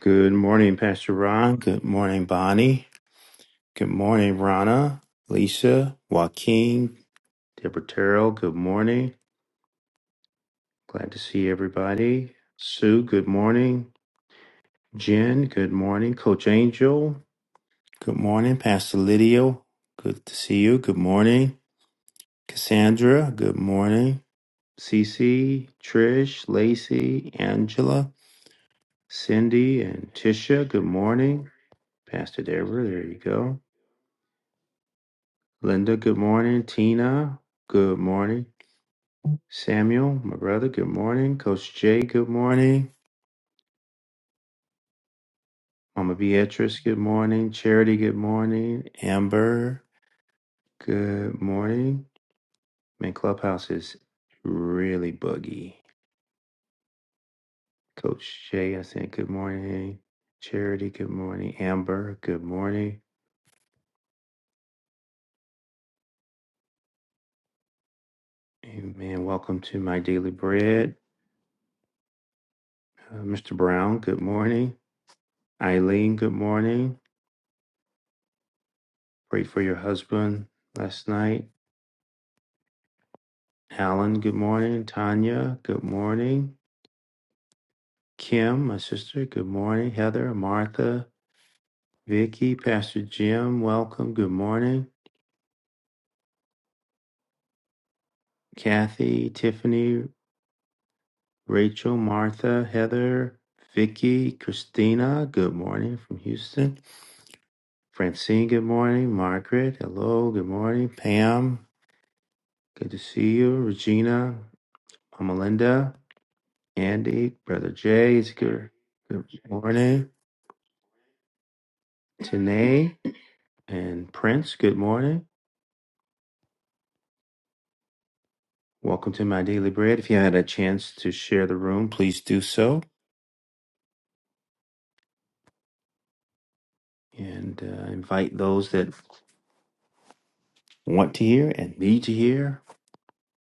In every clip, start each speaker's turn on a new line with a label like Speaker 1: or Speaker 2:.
Speaker 1: Good morning, Pastor Ron. Good morning, Bonnie. Good morning, Rana, Lisa, Joaquin, Deborah Terrell. Good morning. Glad to see everybody. Sue, good morning. Jen, good morning. Coach Angel, good morning. Pastor Lydio, good to see you. Good morning. Cassandra, good morning. Cece, Trish, Lacey, Angela, Cindy, and Tisha, good morning. Pastor Deborah, there you go. Linda, good morning. Tina, good morning. Samuel, my brother, good morning. Coach Jay, good morning. Mama Beatrice, good morning. Charity, good morning. Amber, good morning. Man, Clubhouse is really buggy. Coach Jay, I said good morning. Charity, good morning. Amber, good morning. Amen. Welcome to my daily bread. Uh, Mr. Brown, good morning. Eileen, good morning. Pray for your husband last night. Alan, good morning. Tanya, good morning. Kim, my sister, good morning. Heather, Martha, Vicky, Pastor Jim, welcome. Good morning. Kathy, Tiffany, Rachel, Martha, Heather, Vicky, Christina, good morning from Houston. Francine, good morning. Margaret, hello, good morning. Pam, good to see you. Regina, Melinda, Andy, Brother Jay, it's good. Good morning. Tanae. And Prince, good morning. Welcome to my daily bread. If you had a chance to share the room, please do so. And uh, invite those that want to hear and need to hear.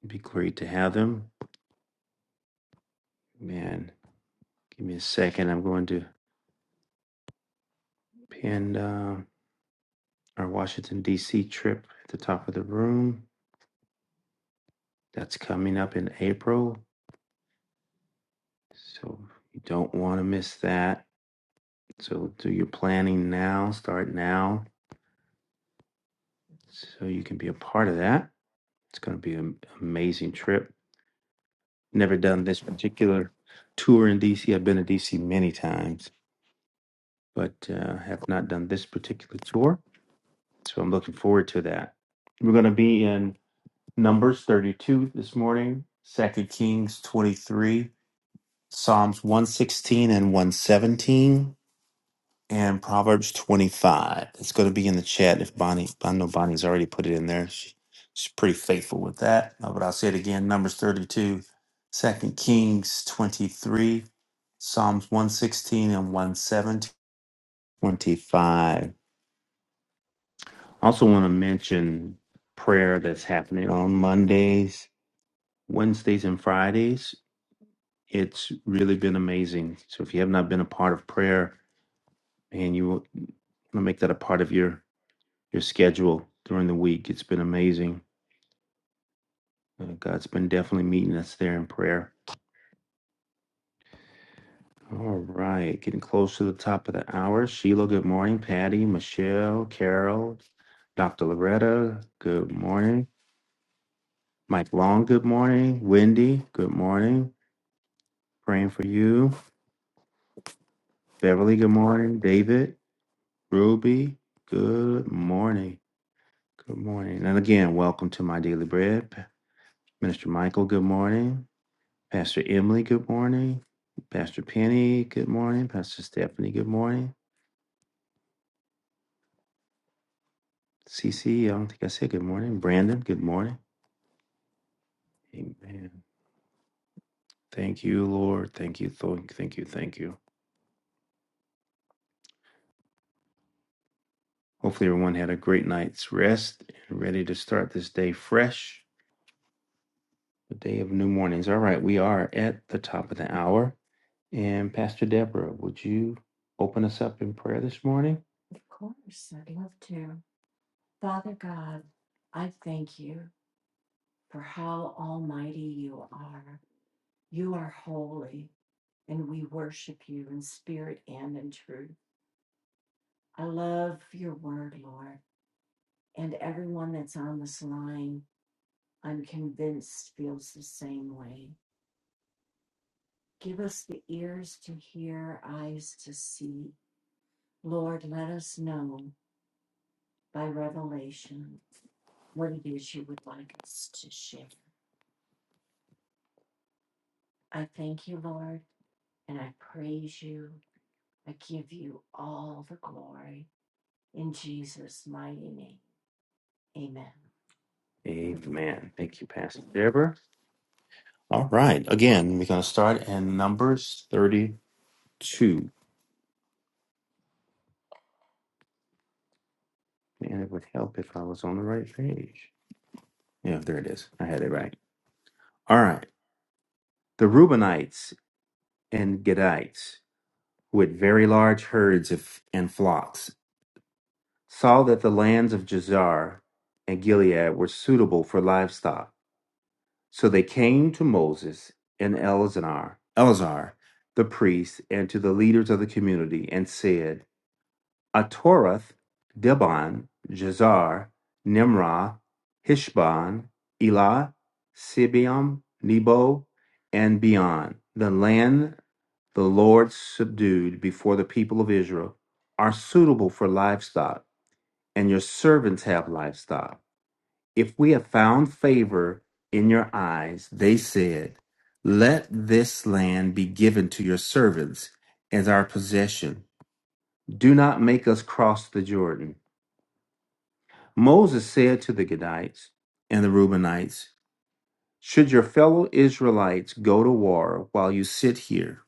Speaker 1: It'd be great to have them. Man, give me a second. I'm going to pin uh, our Washington, D.C. trip at the top of the room. That's coming up in April. So you don't want to miss that. So do your planning now, start now, so you can be a part of that. It's going to be an amazing trip. Never done this particular tour in DC. I've been to DC many times, but uh, have not done this particular tour. So I'm looking forward to that. We're going to be in Numbers 32 this morning, Second Kings 23, Psalms 116 and 117. and Proverbs 25. It's going to be in the chat if Bonnie, I know Bonnie's already put it in there. She, she's pretty faithful with that. Uh, but I'll say it again Numbers 32, Second Kings 23, Psalms 116 and 117. 25. I also want to mention prayer that's happening on Mondays, Wednesdays, and Fridays. It's really been amazing. So if you have not been a part of prayer and you want to make that a part of your your schedule during the week. It's been amazing. Uh, God's been definitely meeting us there in prayer. All right, getting close to the top of the hour. Sheila, good morning. Patty, Michelle, Carol, Dr. Loretta, good morning. Mike Long, good morning. Wendy, good morning. Praying for you. Beverly, good morning. David, Ruby, good morning. Good morning. And again, welcome to My Daily Bread. Minister Michael, good morning. Pastor Emily, good morning. Pastor Penny, good morning. Pastor Stephanie, good morning. CC, I don't think I said good morning. Brandon, good morning. Amen. Thank you, Lord. Thank you, thank thank you, thank you. Hopefully, everyone had a great night's rest and ready to start this day fresh, a day of new mornings. All right, we are at the top of the hour. And Pastor Deborah, would you open us up in prayer this morning? Amen. Thank you, Pastor Deborah. All right. Again, we're going to start in Numbers 32. And it would help if I was on the right page. Yeah, there it is. I had it right. All right. The Reubenites and Gadites, who had very large herds of, and flocks, saw that the lands of Jazar and Gilead were suitable for livestock. So they came to Moses and Eleazar, Eleazar the priest, and to the leaders of the community and said, Ataroth, Dibon, Jazer, Nimrah, Heshbon, Elah, Sibim, Nebo, and beyond, the land the Lord subdued before the people of Israel, are suitable for livestock, and your servants have livestock. If we have found favor in your eyes, they said, Let this land be given to your servants as our possession. Do not make us cross the Jordan. Moses said to the Gadites and the Reubenites, Should your fellow Israelites go to war while you sit here?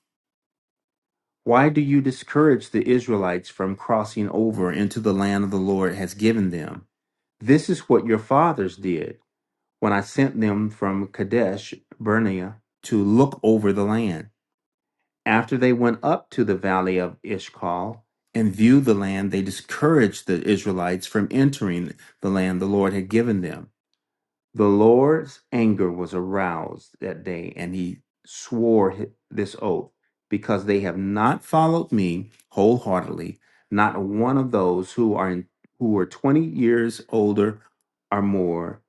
Speaker 1: Why do you discourage the Israelites from crossing over into the land the Lord has given them? This is what your fathers did when I sent them from Kadesh Barnea to look over the land. After they went up to the valley of Ishkal and viewed the land, they discouraged the Israelites from entering the land the Lord had given them. The Lord's anger was aroused that day, and he swore hi- this oath because they have not followed me wholeheartedly, not one of those who are in, who were 20 years older or more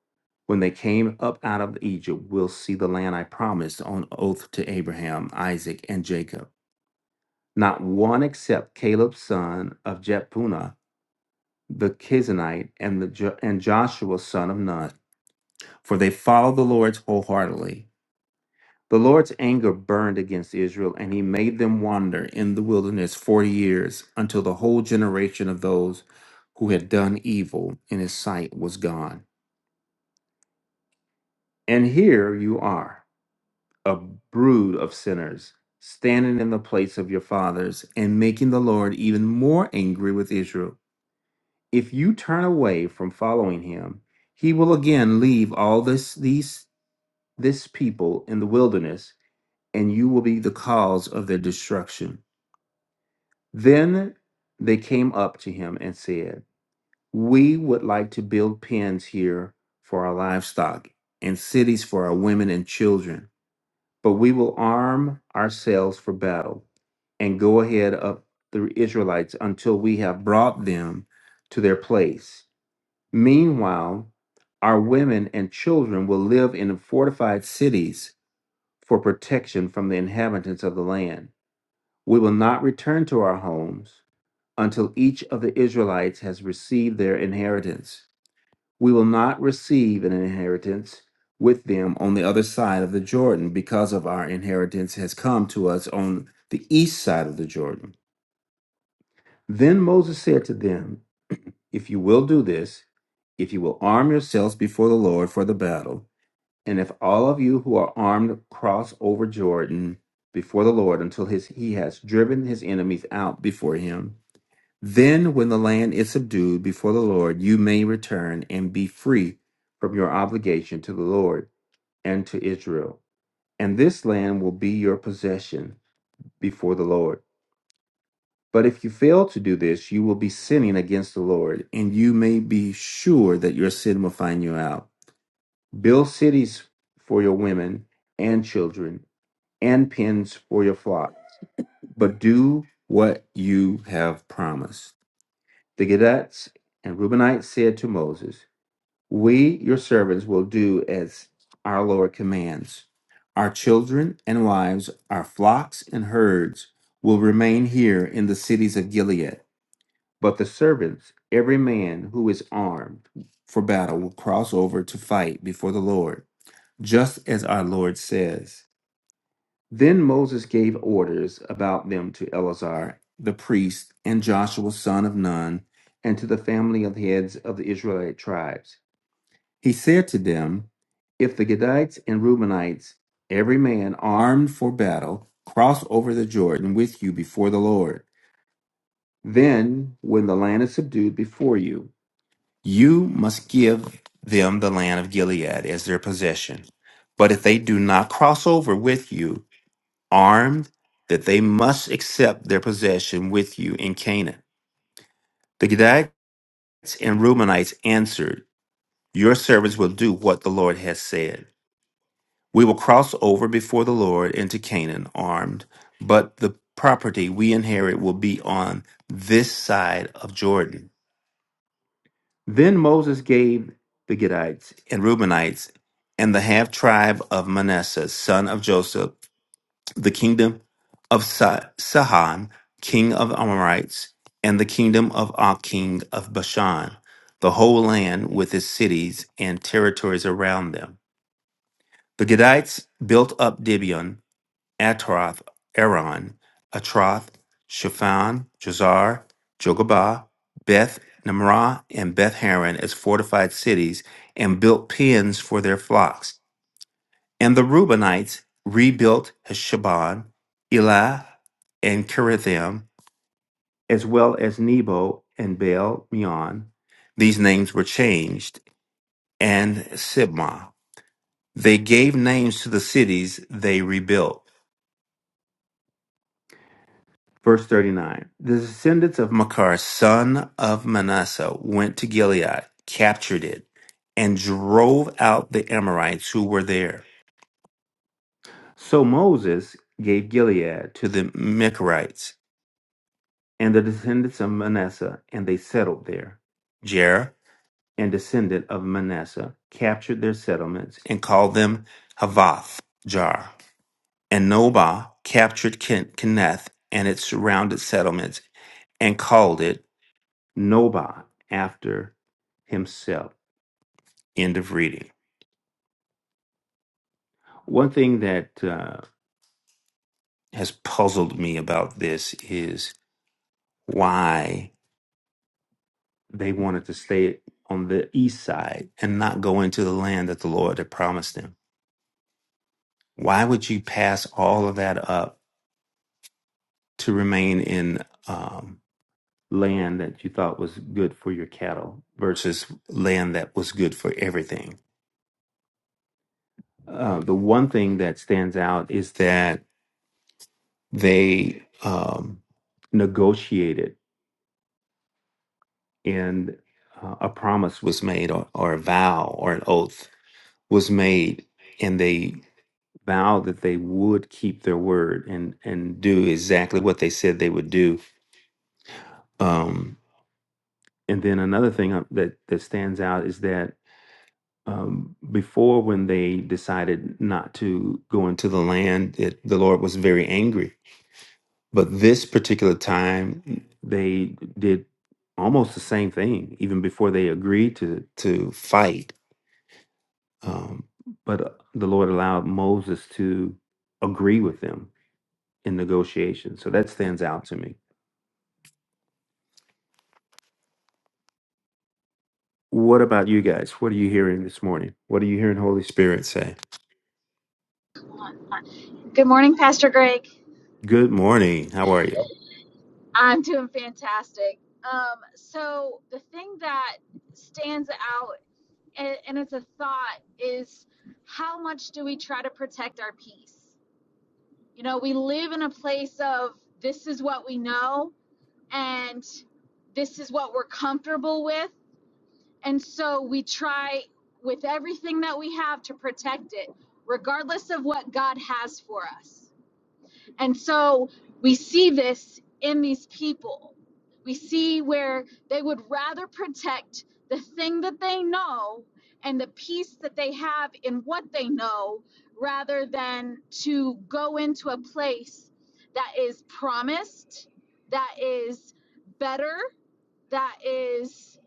Speaker 1: when they came up out of Egypt will see the land I promised on oath to Abraham, Isaac, and Jacob. Not one except Caleb, son of Jephunneh the Kizanite, and the jo- and Joshua, son of Nun for they followed the Lord wholeheartedly. The Lord's anger burned against Israel, and he made them wander in the wilderness forty years, until the whole generation of those who had done evil in his sight was gone. And here you are, a brood of sinners, standing in the place of your fathers, and making the Lord even more angry with Israel. If you turn away from following him, he will again leave all this these this people in the wilderness and you will be the cause of their destruction. Then they came up to him and said, We would like to build pens here for our livestock and cities for our women and children, but we will arm ourselves for battle and go ahead of the Israelites until we have brought them to their place. Meanwhile, our women and children will live in fortified cities for protection from the inhabitants of the land. We will not return to our homes until each of the Israelites has received their inheritance. We will not receive an inheritance with them on the other side of the Jordan because of our inheritance has come to us on the east side of the Jordan. Then Moses said to them, If you will do this, if you will arm yourselves before the Lord for the battle, and if all of you who are armed cross over Jordan before the Lord until his, he has driven his enemies out before him, Then, when the land is subdued before the Lord, you may return and be free from your obligation to the Lord and to Israel. And this land will be your possession before the Lord. But if you fail to do this, you will be sinning against the Lord, and you may be sure that your sin will find you out. Build cities for your women and children, and pens for your flock, but do what you have promised. The Gadetes and Reubenites said to Moses, We, your servants, will do as our Lord commands. Our children and wives, our flocks and herds will remain here in the cities of Gilead. But the servants, every man who is armed for battle, will cross over to fight before the Lord, just as our Lord says. Then Moses gave orders about them to Eleazar the priest and Joshua son of Nun and to the family of heads of the Israelite tribes. He said to them, If the Gadites and Reubenites, every man armed for battle, cross over the Jordan with you before the Lord, then when the land is subdued before you, you must give them the land of Gilead as their possession. But if they do not cross over with you armed, that they must accept their possession with you in Canaan. The Gadites and Reubenites answered, Your servants will do what the Lord has said. We will cross over before the Lord into Canaan armed, but the property we inherit will be on this side of Jordan. Then Moses gave the Gadites and Reubenites and the half tribe of Manasseh, son of Joseph, the kingdom of Sa- Sihon, king of Amorites, and the kingdom of Og, king of Bashan, the whole land with its cities and territories around them. The Gadites built up Gibeon Atroth, Aron, Atroth, Shaphan, Jazar, Jogabah, Beth Nimrah, and Beth Haran as fortified cities and built pens for their flocks. And the Reubenites rebuilt Heshbon, Elah, and Kirithim, as well as Nebo and Baal Meon. These names were changed, and Sibmah. They gave names to the cities they rebuilt. Verse 39 The descendants of Makar, son of Manasseh, went to Gilead, captured it, and drove out the Amorites who were there. So Moses gave Gilead to the Mecharites and the descendants of Manasseh, and they settled there. Jerah and descendant of Manasseh captured their settlements and called them Havoth Jar. And Nobah captured Ken- Kenneth and its surrounded settlements and called it Noba after himself. End of reading. One thing that uh, has puzzled me about this is why they wanted to stay on the east side and not go into the land that the Lord had promised them. Why would you pass all of that up to remain in um, land that you thought was good for your cattle versus land that was good for everything? Uh, the one thing that stands out is that They um, negotiated, and uh, a promise was made, or, or a vow, or an oath was made, and they vowed that they would keep their word and and do exactly what they said they would do. Um, and then another thing uh, that that stands out is that um, before when they decided not to go into the land, it, the Lord was very angry But this particular time, they did almost the same thing, even before they agreed to to fight. Um, but uh, the Lord allowed Moses to agree with them in negotiation. So that stands out to me. What about you guys? What are you hearing this morning? What are you hearing Holy Spirit say?
Speaker 2: Good morning, Pastor Greg.
Speaker 1: Good morning. How are you?
Speaker 2: I'm doing fantastic. Um, so, the thing that stands out, and, and it's a thought, is how much do we try to protect our peace? You know, we live in a place of this is what we know and this is what we're comfortable with. And so, we try with everything that we have to protect it, regardless of what God has for us And so we see this in these people. We see where they would rather protect the thing that they know and the peace that they have in what they know rather than to go into a place that is promised, that is better, that is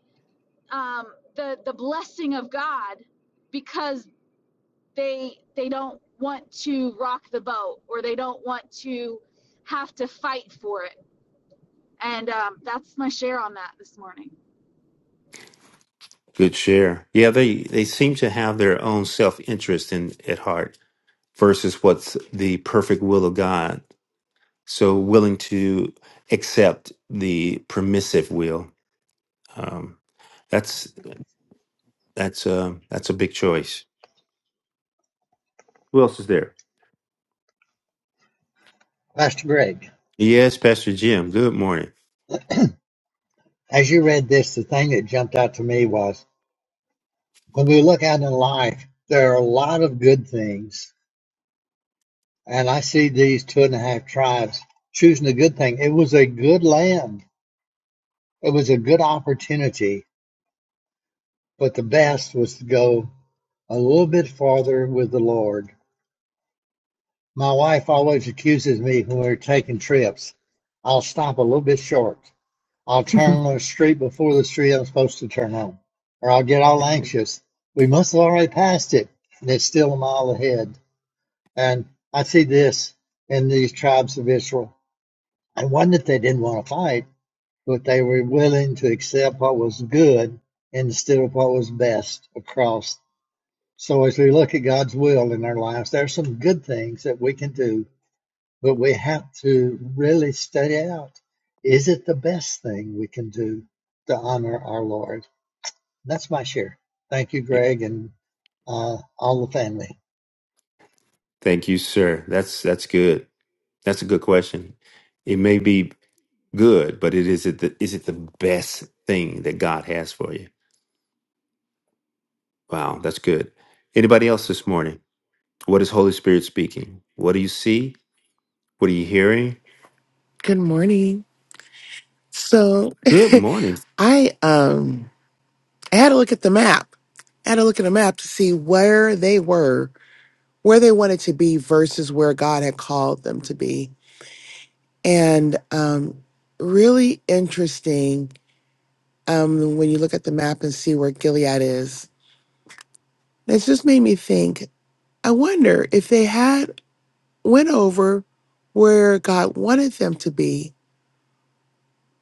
Speaker 2: um, the, the blessing of God. because they they don't want to rock the boat or they don't want to have to fight for it. And um, that's my share on that this morning.
Speaker 1: Good share. Yeah, they they seem to have their own self interest in at heart versus what's the perfect will of God so willing to accept the permissive will um, that's that's a that's a big choice who else is there
Speaker 3: Pastor Greg,
Speaker 1: yes pastor jim good morning
Speaker 3: as you read this, the thing that jumped out to me was when we look out in life, there are a lot of good things. And I see these two and a half tribes choosing a good thing. It was a good land, it was a good opportunity, but the best was to go a little bit farther with the Lord. My wife always accuses me when we're taking trips, I'll stop a little bit short. I'll turn on the street before the street I'm supposed to turn on, or I'll get all anxious. We must have already passed it, and it's still a mile ahead. And I see this in these tribes of Israel. It wasn't that they didn't want to fight, but they were willing to accept what was good instead of what was best across. So as we look at God's will in our lives, there are some good things that we can do but we have to really study out is it the best thing we can do to honor our Lord? That's my share. Thank you,
Speaker 1: Yeah.
Speaker 3: Greg, and uh, all the family.
Speaker 1: thank you sir that's that's good that's a good question it may be good but it is it the, is it the best thing that god has for you wow that's good anybody else this morning what is holy spirit speaking what do you see what are you hearing
Speaker 4: Good morning. So
Speaker 1: good morning
Speaker 4: I um I had to look at the map. I had to look at the map to see where they were, where they wanted to be versus where God had called them to be. And um really interesting um when you look at the map and see where Gilead is. It's just made me think, I wonder if they had went over where God wanted them to be,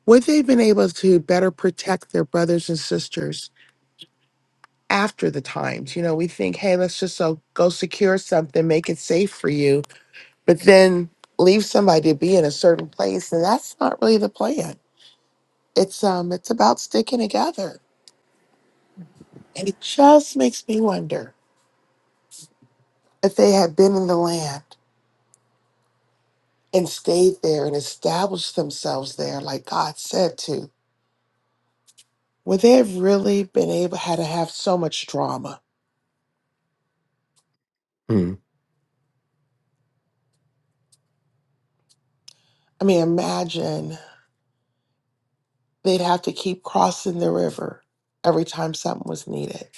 Speaker 4: would they have been able to better protect their brothers and sisters? after the times. You know, we think, hey, let's just so go secure something, make it safe for you, but then leave somebody to be in a certain place, and that's not really the plan. It's um, it's about sticking together, and it just makes me wonder if they had been in the land and stayed there and established themselves there, like God said to, would they have really been able had to have so much drama? I mean, imagine they'd have to keep crossing the river every time something was needed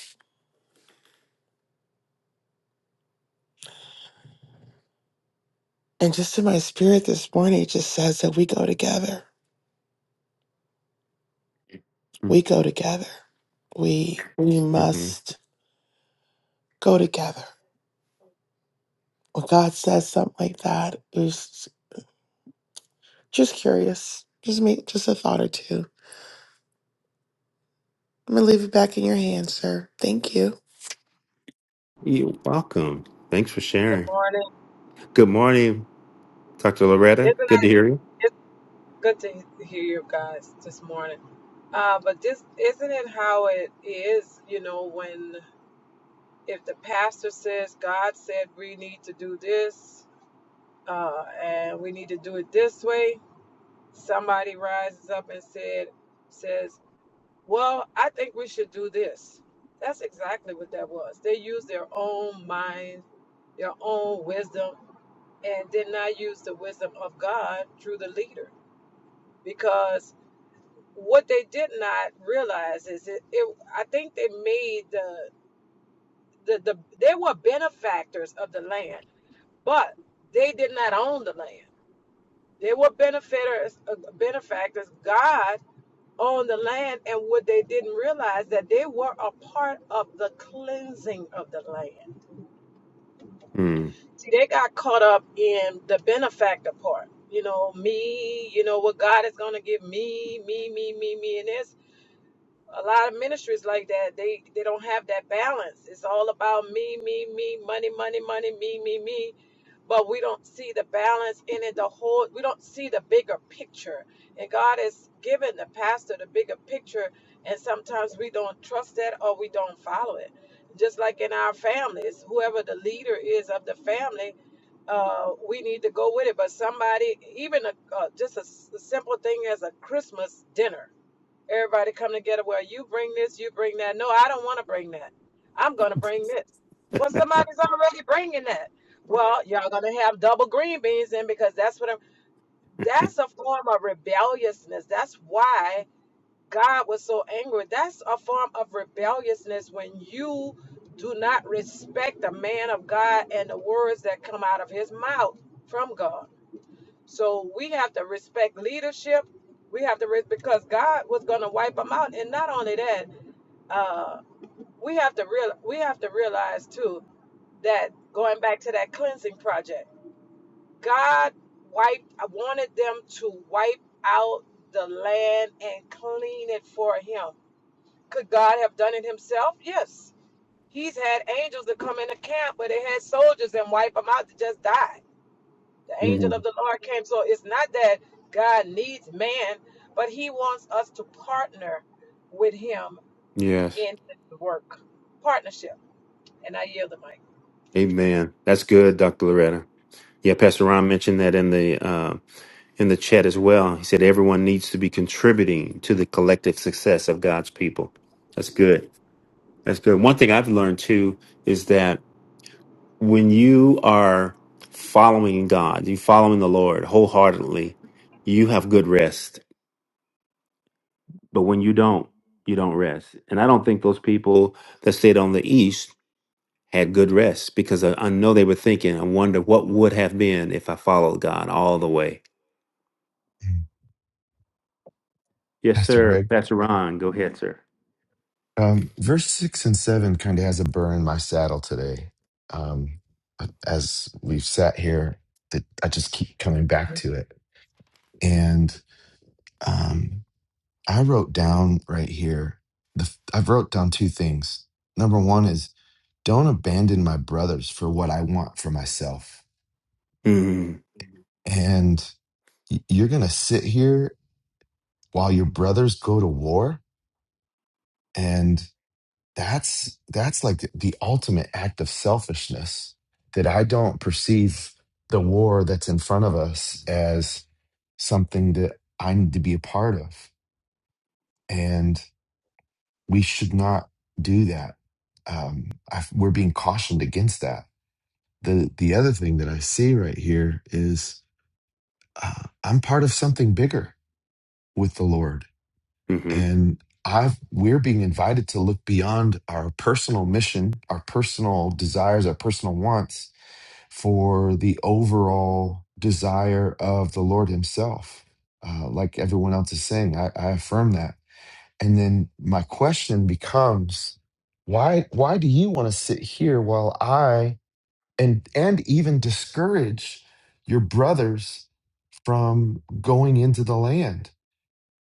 Speaker 4: And just in my spirit this morning, it just says that we go together. We go together. We we
Speaker 1: Mhm.
Speaker 4: must go together. When God says something like that, it was just curious. Just me, just a thought or two. I'm gonna leave it back in your hands, sir. Thank you.
Speaker 1: You're welcome. Thanks for
Speaker 5: Good
Speaker 1: sharing.
Speaker 5: morning.
Speaker 1: Good morning, Dr. Loretta.
Speaker 5: Isn't
Speaker 1: Good to
Speaker 5: it?
Speaker 1: hear you.
Speaker 5: It's good to he- hear you guys this morning. Uh, but this isn't it how it is. You know, when if the pastor says God said we need to do this uh, and we need to do it this way, somebody rises up and said says, "Well, I think we should do this." That's exactly what that was. They used their own mind, their own wisdom, and did not use the wisdom of God through the leader because what they did not realize is it, it I think they made the, the the they were benefactors of the land, but they did not own the land. They were benefactors uh, benefactors. God owned the land, and what they didn't realize that they were a part of the cleansing of the land.
Speaker 1: Mm.
Speaker 5: See, they got caught up in the benefactor part. You know, me, you know, what God is going to give me, me, me, me, me. And there's a lot of ministries like that they they don't have that balance it's all about me me me money money money me me me but we don't see the balance in it the whole we don't see the bigger picture and god has given the pastor the bigger picture and sometimes we don't trust that or we don't follow it just like in our families whoever the leader is of the family uh, we need to go with it but somebody even a, uh, just a s a simple thing as a christmas dinner Everybody come together. Well, you bring this, you bring that. No, I don't want to bring that. I'm going to bring this. Well, somebody's already bringing that. Well, y'all going to have double green beans in because that's what I'm. That's a form of rebelliousness. That's why God was so angry. That's a form of rebelliousness when you do not respect the man of God and the words that come out of his mouth from God. So we have to respect leadership. We have to re- because God was going to wipe them out, and not only that, uh, we have to real we have to realize too that going back to that cleansing project, God wiped I wanted them to wipe out the land and clean it for Him. Could God have done it Himself? Yes. He's had angels that come in the camp, but they had soldiers and wipe them out to just die. The angel of
Speaker 1: Mhm.
Speaker 5: the Lord came. So it's not that God needs man, but he wants us to partner with him
Speaker 1: Yes.
Speaker 5: in his work. Partnership. And I yield the mic.
Speaker 1: Amen. That's good, Dr. Loretta. Yeah, Pastor Ron mentioned that in the uh, in the chat as well. He said everyone needs to be contributing to the collective success of God's people. That's good. That's good. One thing I've learned too is that when you are following God, you following the Lord wholeheartedly, you have good rest But when you don't, you don't rest. And I don't think those people that stayed on the east had good rest because I, I know they were thinking, I wonder what would have been if I followed God all the way. Yes,
Speaker 6: Pastor
Speaker 1: sir.
Speaker 6: Greg,
Speaker 1: That's Ron. Go ahead, sir.
Speaker 6: um, verse six and seven kind of has a burn in my saddle today. Um, as we've sat here, that I just keep coming back to it, Um, I wrote down right here. The f- I've wrote down two things. Number one is don't abandon my brothers for what I want for myself.
Speaker 1: Mm
Speaker 6: And y- you're going to sit here while your brothers go to war and that's that's like the the ultimate act of selfishness that I don't perceive the war that's in front of us as something that I need to be a part of. and. we should not do that. Um, I, we're being cautioned against that. The the other thing that I see right here is uh, I'm part of something bigger with the Lord,
Speaker 1: hmm Mm hmm
Speaker 6: and I've we're being invited to look beyond our personal mission, our personal desires, our personal wants for the overall desire of the Lord Himself. Uh, like everyone else is saying, I, I affirm that And then my question becomes, why why do you want to sit here while I and and even discourage your brothers from going into the land?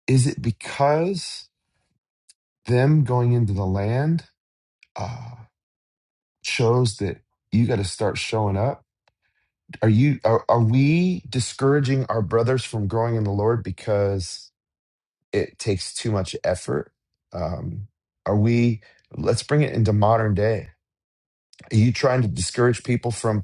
Speaker 6: Is it because them going into the land uh, shows that you got to start showing up? Are you are, are we discouraging our brothers from growing in the Lord because it takes too much effort? Um, are we? Let's bring it into modern day Are you trying to discourage people from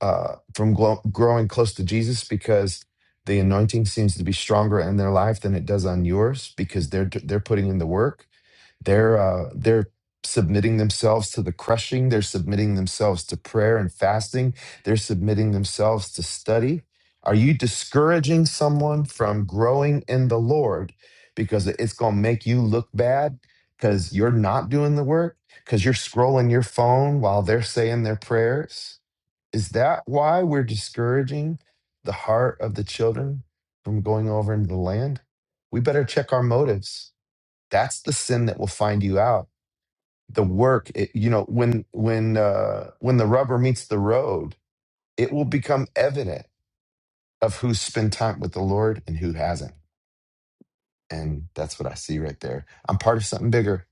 Speaker 6: uh, from glo- growing close to Jesus because the anointing seems to be stronger in their life than it does on yours because they're they're putting in the work? They're uh, they're submitting themselves to the crushing. They're submitting themselves to prayer and fasting. They're submitting themselves to study. Are you discouraging someone from growing in the Lord because it's going to make you look bad because you're not doing the work because you're scrolling your phone while they're saying their prayers? Is that why we're discouraging the heart of the children from going over into the land? We better check our motives that's the sin that will find you out the work it, you know when when uh when the rubber meets the road it will become evident of who's spent time with the lord and who hasn't and that's what i see right there i'm part of something bigger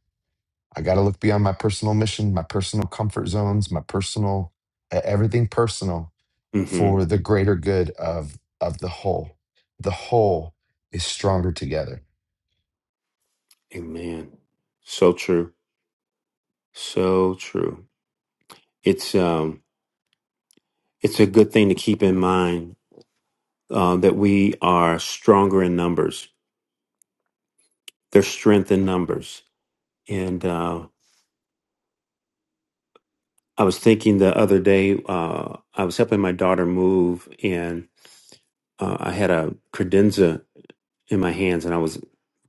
Speaker 6: I got to look beyond my personal mission, my personal comfort zones, my personal e- everything personal
Speaker 1: Mm hmm
Speaker 6: for the greater good of of the whole. The whole is stronger together.
Speaker 1: Amen. So true. So true. It's um it's a good thing to keep in mind uh, that we are stronger in numbers. There's strength in numbers. and. uh, I was thinking the other day, uh, I was helping my daughter move, and uh, I had a credenza in my hands, and I was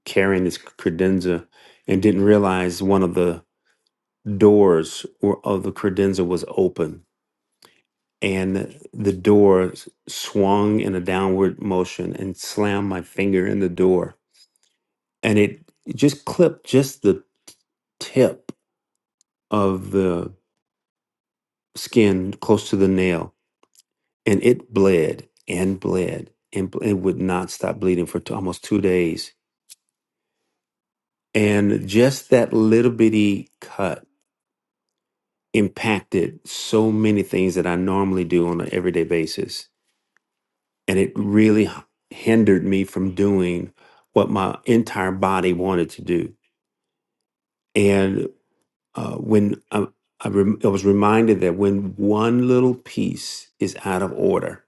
Speaker 1: carrying this credenza and didn't realize one of the doors were- of the credenza was open. And the door s- swung in a downward motion and slammed my finger in the door. And it just clipped just the tip of the skin close to the nail and it bled and bled and bl- it would not stop bleeding for t- almost two days. And just that little bitty cut impacted so many things that I normally do on an everyday basis. And it really h- hindered me from doing what my entire body wanted to do. And uh, when I, I, rem- I was reminded that when one little piece is out of order,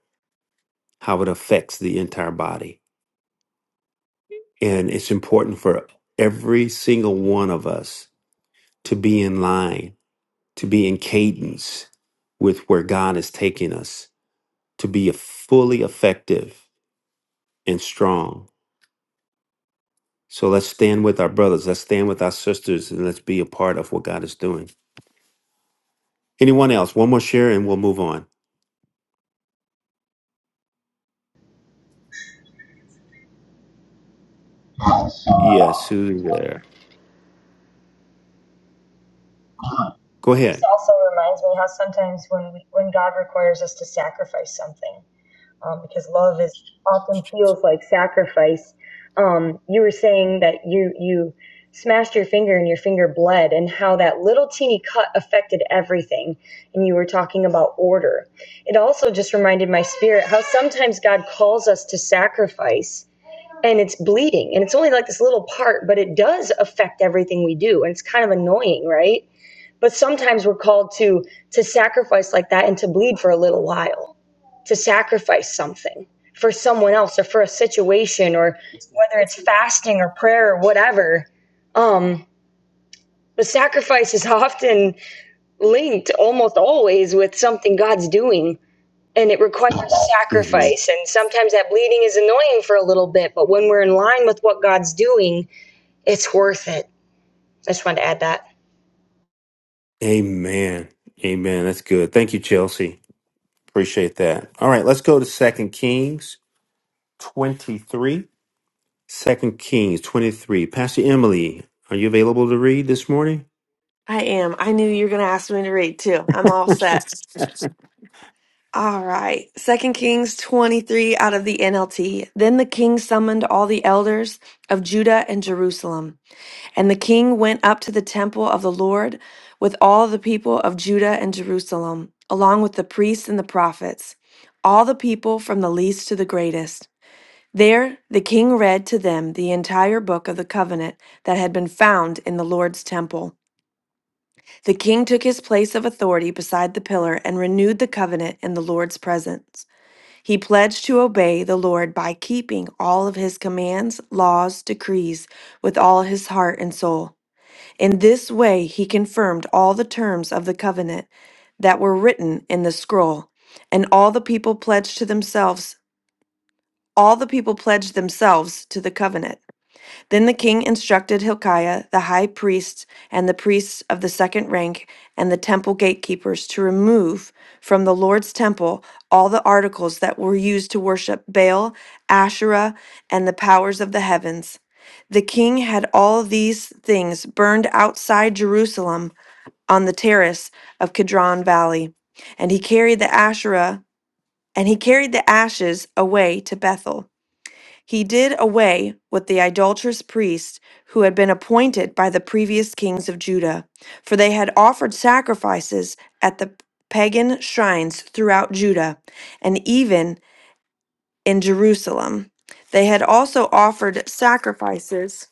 Speaker 1: how it affects the entire body And it's important for every single one of us to be in line, to be in cadence with where God is taking us, to be fully effective and strong. So let's stand with our brothers, let's stand with our sisters, and let's be a part of what God is doing. Anyone else? One more share and we'll move on. Yes, who's there? Go
Speaker 7: It just
Speaker 1: ahead.
Speaker 7: also reminds me how sometimes when we, when God requires us to sacrifice something, um, because love is often feels like sacrifice. Um, you were saying that you you smashed your finger and your finger bled, and how that little teeny cut affected everything. And you were talking about order. It also just reminded my spirit how sometimes God calls us to sacrifice. And it's bleeding, and it's only like this little part, but it does affect everything we do, and it's kind of annoying, right? But sometimes we're called to to sacrifice like that and to bleed for a little while, to sacrifice something for someone else or for a situation or whether it's fasting or prayer or whatever. Um, but sacrifice is often linked almost always with something God's doing and it requires
Speaker 1: hmm
Speaker 7: sacrifice and sometimes that bleeding is annoying for a little bit, but when we're in line with what God's doing, it's worth it. I just wanted to add that.
Speaker 1: Amen. Amen. That's good. Thank you, Chelsea. Appreciate that. All right, let's go to Second Kings 23. Second Kings 23. Pastor Emily, are you available to read this morning?
Speaker 8: I am. I knew you were going to ask me to read too. I'm all set. All right. Second Kings 23 out of the NLT. Then the king summoned all the elders of Judah and Jerusalem. And the king went up to the temple of the Lord with all the people of Judah and Jerusalem, along with the priests and the prophets, all the people from the least to the greatest. There the king read to them the entire book of the covenant that had been found in the Lord's temple. The king took his place of authority beside the pillar and renewed the covenant in the Lord's presence. He pledged to obey the Lord by keeping all of his commands, laws, decrees with all his heart and soul. In this way, he confirmed all the terms of the covenant that were written in the scroll, and all the people pledged to themselves, all the people pledged themselves to the covenant. Then the king instructed Hilkiah, the high priest, and the priests of the second rank, and the temple gatekeepers to remove from the Lord's temple all the articles that were used to worship Baal, Asherah, and the powers of the heavens. The king had all these things burned outside Jerusalem on the terrace of Kidron Valley, and he carried the Asherah and he carried the ashes away to Bethel. He did away with the idolatrous priests who had been appointed by the previous kings of Judah, for they had offered sacrifices at the pagan shrines throughout Judah and even in Jerusalem. They had also offered sacrifices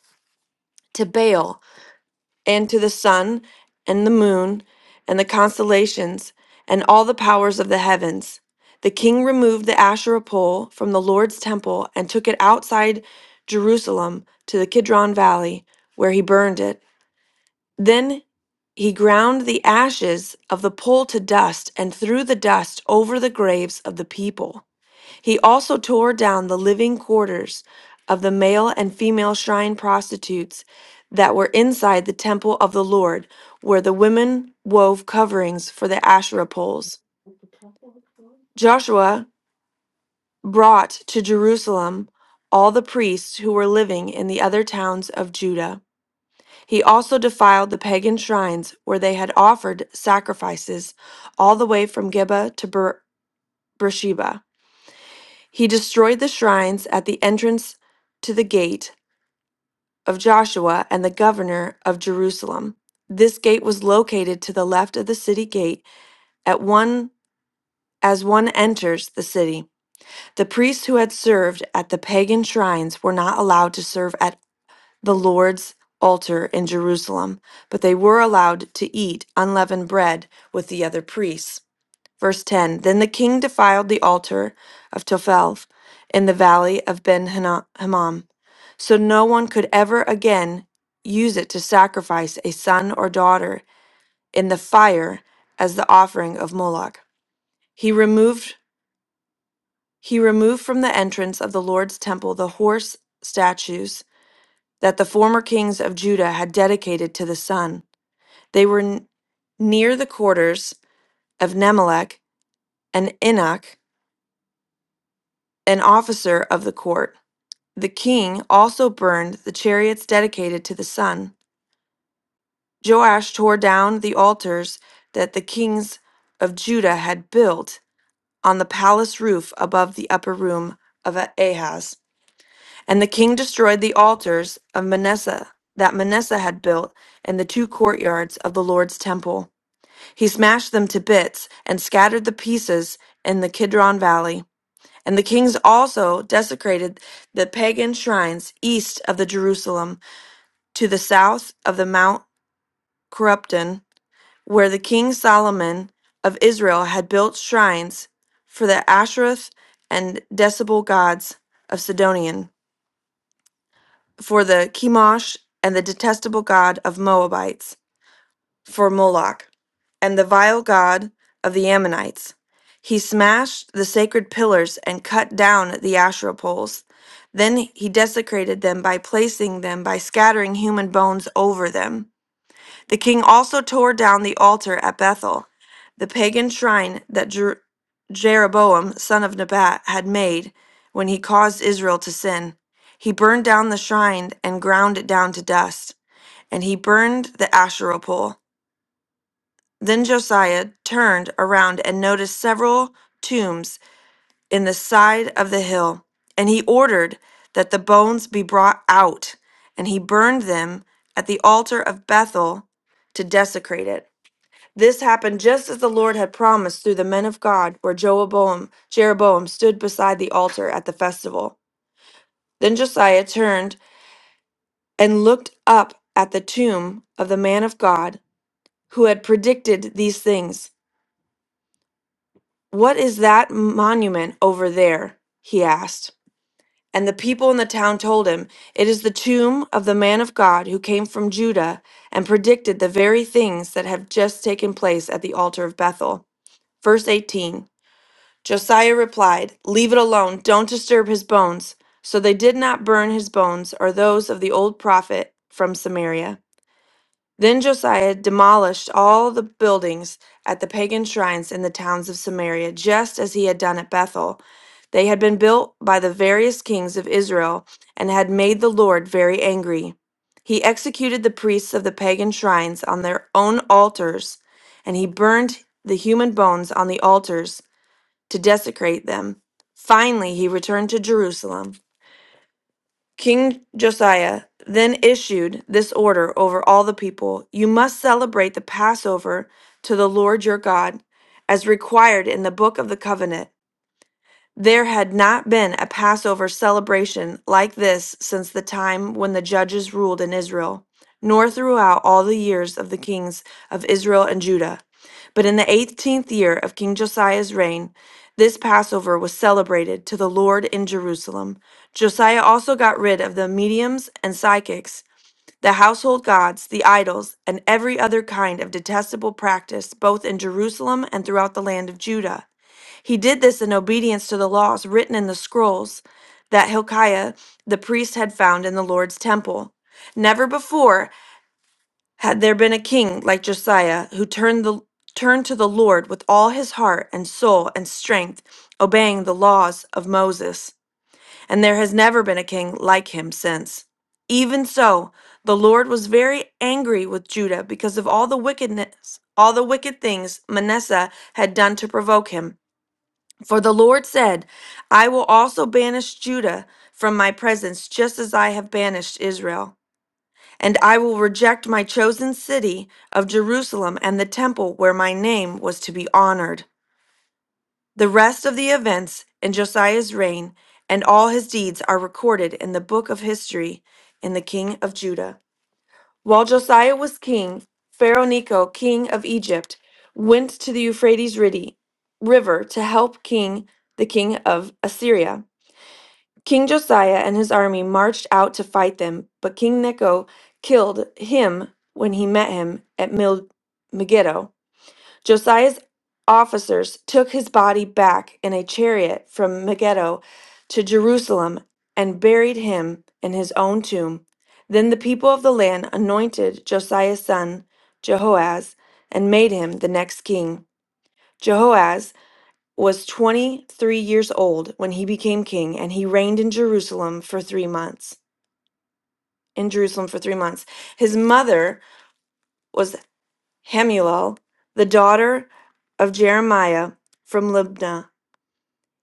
Speaker 8: to Baal and to the sun and the moon and the constellations and all the powers of the heavens. The king removed the Asherah pole from the Lord's temple and took it outside Jerusalem to the Kidron Valley, where he burned it. Then he ground the ashes of the pole to dust and threw the dust over the graves of the people. He also tore down the living quarters of the male and female shrine prostitutes that were inside the temple of the Lord, where the women wove coverings for the Asherah poles. Joshua brought to Jerusalem all the priests who were living in the other towns of Judah. He also defiled the pagan shrines where they had offered sacrifices all the way from Geba to Ber- Beersheba. He destroyed the shrines at the entrance to the gate of Joshua and the governor of Jerusalem. This gate was located to the left of the city gate at one as one enters the city. The priests who had served at the pagan shrines were not allowed to serve at the Lord's altar in Jerusalem, but they were allowed to eat unleavened bread with the other priests. Verse 10 Then the king defiled the altar of Tophel in the valley of Ben Hinnom so no one could ever again use it to sacrifice a son or daughter in the fire as the offering of Moloch. He removed he removed from the entrance of the Lord's temple the horse statues that the former kings of Judah had dedicated to the sun. They were n- near the quarters of Nemelech and Enoch, an officer of the court. The king also burned the chariots dedicated to the sun Joash tore down the altars that the kings of Judah had built on the palace roof above the upper room of Ahaz. And the king destroyed the altars of Manasseh that Manasseh had built in the two courtyards of the Lord's temple. He smashed them to bits and scattered the pieces in the Kidron valley. And the kings also desecrated the pagan shrines east of the Jerusalem to the south of the Mount Corruption where the king Solomon of Israel had built shrines for the Ashereth and detestable gods of Sidonian, for the Chemosh and the detestable god of Moabites, for Moloch, and the vile god of the Ammonites. He smashed the sacred pillars and cut down the Asherah poles. Then he desecrated them by placing them by scattering human bones over them. The king also tore down the altar at Bethel, the pagan shrine that Jer- Jeroboam, son of Nebat, had made when he caused Israel to sin. He burned down the shrine and ground it down to dust, and he burned the Asherah pole. Then Josiah turned around and noticed several tombs in the side of the hill, and he ordered that the bones be brought out, and he burned them at the altar of Bethel to desecrate it. This happened just as the Lord had promised through the men of God, where Jeroboam, Jeroboam stood beside the altar at the festival. Then Josiah turned and looked up at the tomb of the man of God who had predicted these things. What is that monument over there? he asked. And the people in the town told him, It is the tomb of the man of God who came from Judah and predicted the very things that have just taken place at the altar of Bethel. Verse 18. Josiah replied, Leave it alone, don't disturb his bones. So they did not burn his bones or those of the old prophet from Samaria. Then Josiah demolished all the buildings at the pagan shrines in the towns of Samaria, just as he had done at Bethel. They had been built by the various kings of Israel and had made the Lord very angry. He executed the priests of the pagan shrines on their own altars, and he burned the human bones on the altars to desecrate them. Finally, he returned to Jerusalem. King Josiah then issued this order over all the people You must celebrate the Passover to the Lord your God, as required in the book of the covenant. There had not been a Passover celebration like this since the time when the judges ruled in Israel, nor throughout all the years of the kings of Israel and Judah. But in the eighteenth year of King Josiah's reign, this Passover was celebrated to the Lord in Jerusalem. Josiah also got rid of the mediums and psychics, the household gods, the idols, and every other kind of detestable practice, both in Jerusalem and throughout the land of Judah. He did this in obedience to the laws written in the scrolls that Hilkiah the priest had found in the Lord's temple. Never before had there been a king like Josiah who turned the turned to the Lord with all his heart and soul and strength, obeying the laws of Moses, and there has never been a king like him since. Even so, the Lord was very angry with Judah because of all the wickedness, all the wicked things Manasseh had done to provoke him. For the Lord said, I will also banish Judah from my presence, just as I have banished Israel. And I will reject my chosen city of Jerusalem and the temple where my name was to be honored. The rest of the events in Josiah's reign and all his deeds are recorded in the book of history in the king of Judah. While Josiah was king, Pharaoh Necho, king of Egypt, went to the Euphrates Ridi- River to help king the king of Assyria. King Josiah and his army marched out to fight them, but King Necho killed him when he met him at Mil- Megiddo. Josiah's officers took his body back in a chariot from Megiddo to Jerusalem and buried him in his own tomb. Then the people of the land anointed Josiah's son, Jehoaz, and made him the next king. Jehoaz was 23 years old when he became king and he reigned in Jerusalem for 3 months. In Jerusalem for 3 months. His mother was Hamuel, the daughter of Jeremiah from Libnah.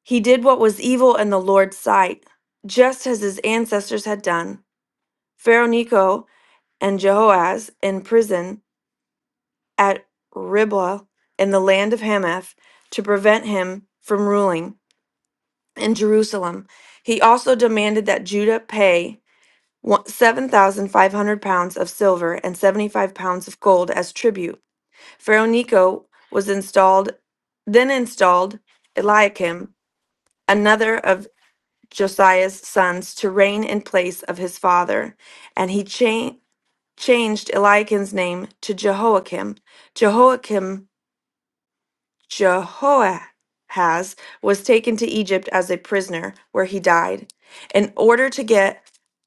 Speaker 8: He did what was evil in the Lord's sight, just as his ancestors had done. Pharaoh Necho and Jehoaz in prison at Riblah in the land of Hamath to prevent him from ruling. in Jerusalem. He also demanded that Judah pay one- 7,500 pounds of silver and 75 pounds of gold as tribute. Pharaoh Necho was installed, then installed Eliakim, another of Josiah's sons, to reign in place of his father, and he cha- changed Eliakim's name to Jehoiakim. Jehoiakim Jehoahaz was taken to Egypt as a prisoner, where he died. In order to get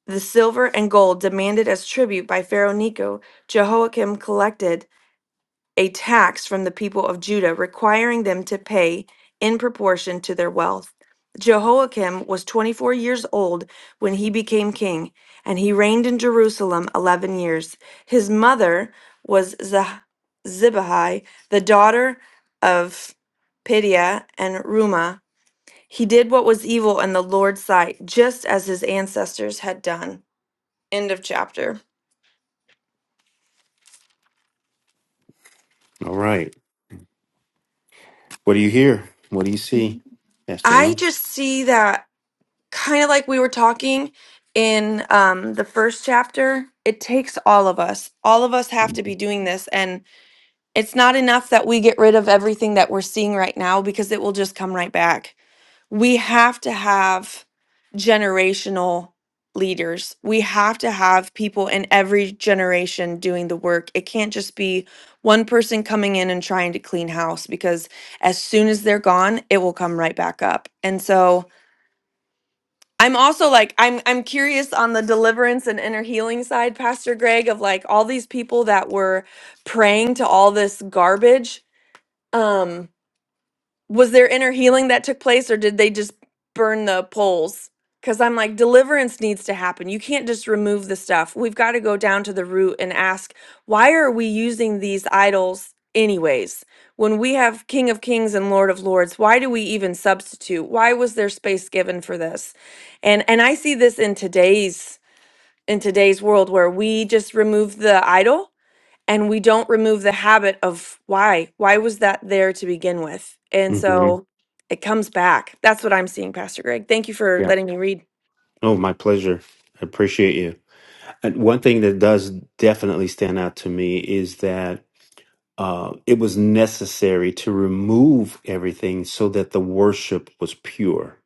Speaker 8: the silver and gold demanded as tribute by Pharaoh Necho, Jehoiakim collected a tax from the people of Judah, requiring them to pay in proportion to their wealth. Jehoiakim was 24 years old when he became king, and he reigned in Jerusalem 11 years. His mother was Zah- Zibai, the daughter of Pidiah and Ruma. He did what was evil in the Lord's sight, just as his ancestors had done. End of chapter.
Speaker 1: All right. What do you hear? What do you see, Pastor
Speaker 8: I
Speaker 1: Em?
Speaker 8: just see that kind of like we were talking in um, the first chapter, it takes all of us. All of us have to be doing this. And it's not enough that we get rid of everything that we're seeing right now because it will just come right back. We have to have generational leaders. We have to have people in every generation doing the work. It can't just be one person coming in and trying to clean house because as soon as they're gone, it will come right back up. And so, I'm also like I'm I'm curious on the deliverance and inner healing side, Pastor Greg, of like all these people that were praying to all this garbage. Um was there inner healing that took place or did they just burn the poles because i'm like deliverance needs to happen you can't just remove the stuff we've got to go down to the root and ask why are we using these idols anyways when we have king of kings and lord of lords why do we even substitute why was there space given for this and and i see this in today's in today's world where we just remove the idol and we don't remove the habit of why why was that there to begin with and
Speaker 1: hmm
Speaker 8: so it comes back that's what i'm seeing pastor greg thank you for
Speaker 1: Yeah.
Speaker 8: letting me read
Speaker 1: Oh, my pleasure. I appreciate you. And one thing that does definitely stand out to me is that uh, it was necessary to remove everything so that the worship was pure.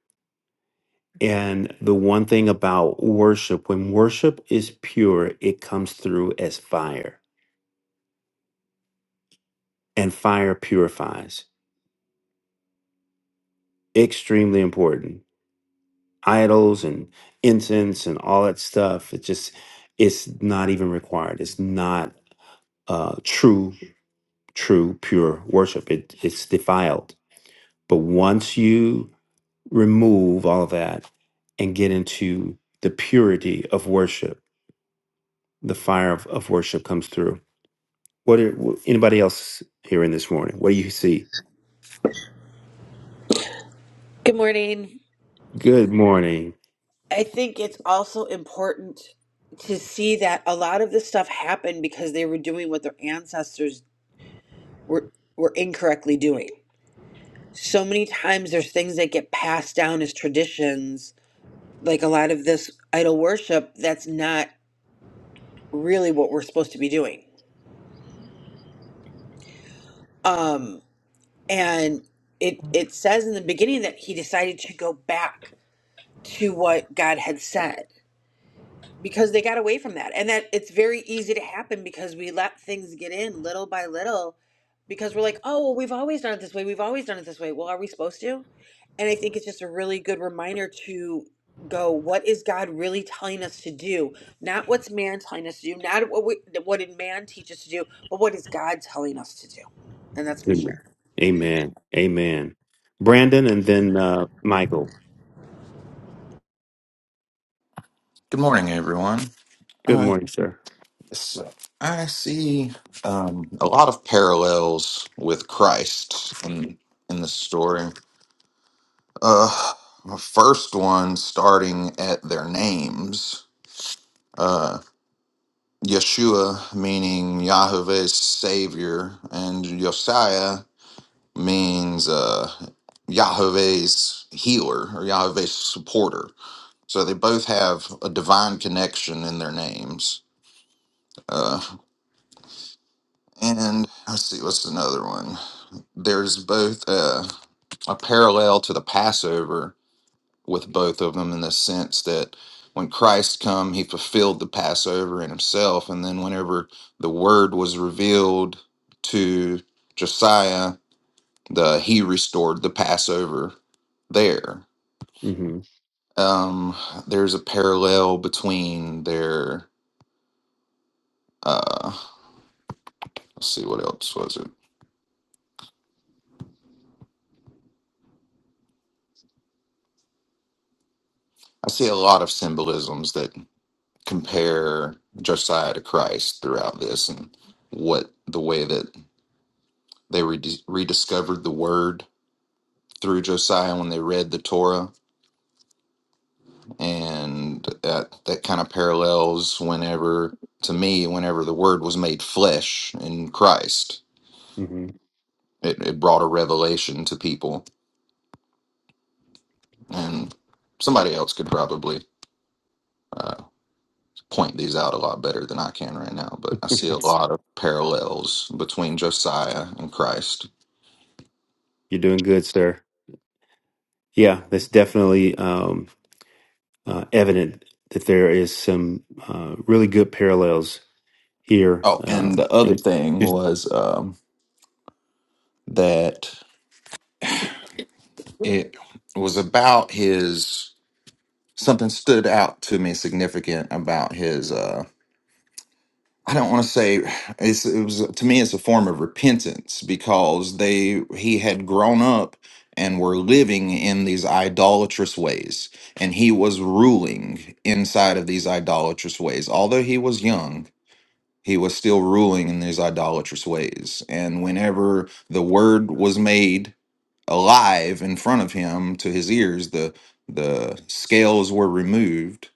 Speaker 1: And the one thing about worship, when worship is pure, it comes through as fire, and fire purifies. extremely important. Idols and incense and all that stuff. It just it's not even required. It's not uh, true, true, pure worship. It it's defiled. But once you remove all of that and get into the purity of worship, the fire of, of worship comes through. What are, wh- anybody else here in this morning? What do you see?
Speaker 9: Good morning.
Speaker 1: Good morning.
Speaker 9: I think it's also important to see that a lot of this stuff happened because they were doing what their ancestors were were incorrectly doing. So many times there's things that get passed down as traditions, like a lot of this idol worship that's not really what we're supposed to be doing. Um and it it says in the beginning that he decided to go back to what God had said because they got away from that and that it's very easy to happen because we let things get in little by little because we're like oh well we've always done it this way we've always done it this way well are we supposed to and i think it's just a really good reminder to go what is god really telling us to do not what's man telling us to do not what we, what did man teach us to do but what is god telling us to do and that's my
Speaker 1: Good morning.
Speaker 9: share
Speaker 1: Amen. Amen. Brandon and then uh, Michael.
Speaker 10: Good morning, everyone.
Speaker 1: Good
Speaker 10: Uh,
Speaker 1: morning, sir.
Speaker 10: so I see um, a lot of parallels with Christ in in the story. Uh, the first one starting at their names. Uh, Yeshua meaning Yahweh's Savior, and Josiah means uh, Yahweh's healer or Yahweh's supporter. So they both have a divine connection in their names. Uh, And let's see, what's another one? There's both uh, a parallel to the Passover with both of them in the sense that when Christ come, he fulfilled the Passover in himself. And then whenever the word was revealed to Josiah, the he restored the Passover there.
Speaker 1: hmm
Speaker 10: Um, there's a parallel between their uh let's see what else was it. I see a lot of symbolisms that. compare Josiah to Christ throughout this and what the way that they redi- rediscovered the word through Josiah when they read the Torah. And that, that kind of parallels whenever, to me, whenever the word was made flesh in Christ,
Speaker 1: hmm
Speaker 10: it, it brought a revelation to people. And somebody else could probably point these out a lot better than I can right now, but I see a lot of parallels between Josiah and Christ.
Speaker 1: You're doing good, sir. Yeah, that's definitely um, uh, evident that there is some uh, really good parallels here.
Speaker 10: Oh, and
Speaker 1: Um,
Speaker 10: the other
Speaker 1: and
Speaker 10: thing was um, that it was about his something stood out to me significant about his. Uh, I don't want to say it's, it was to me. It's a form of repentance because they he had grown up and were living in these idolatrous ways, and he was ruling inside of these idolatrous ways. Although he was young, he was still ruling in these idolatrous ways, and whenever the word was made alive in front of him to his ears the the scales were removed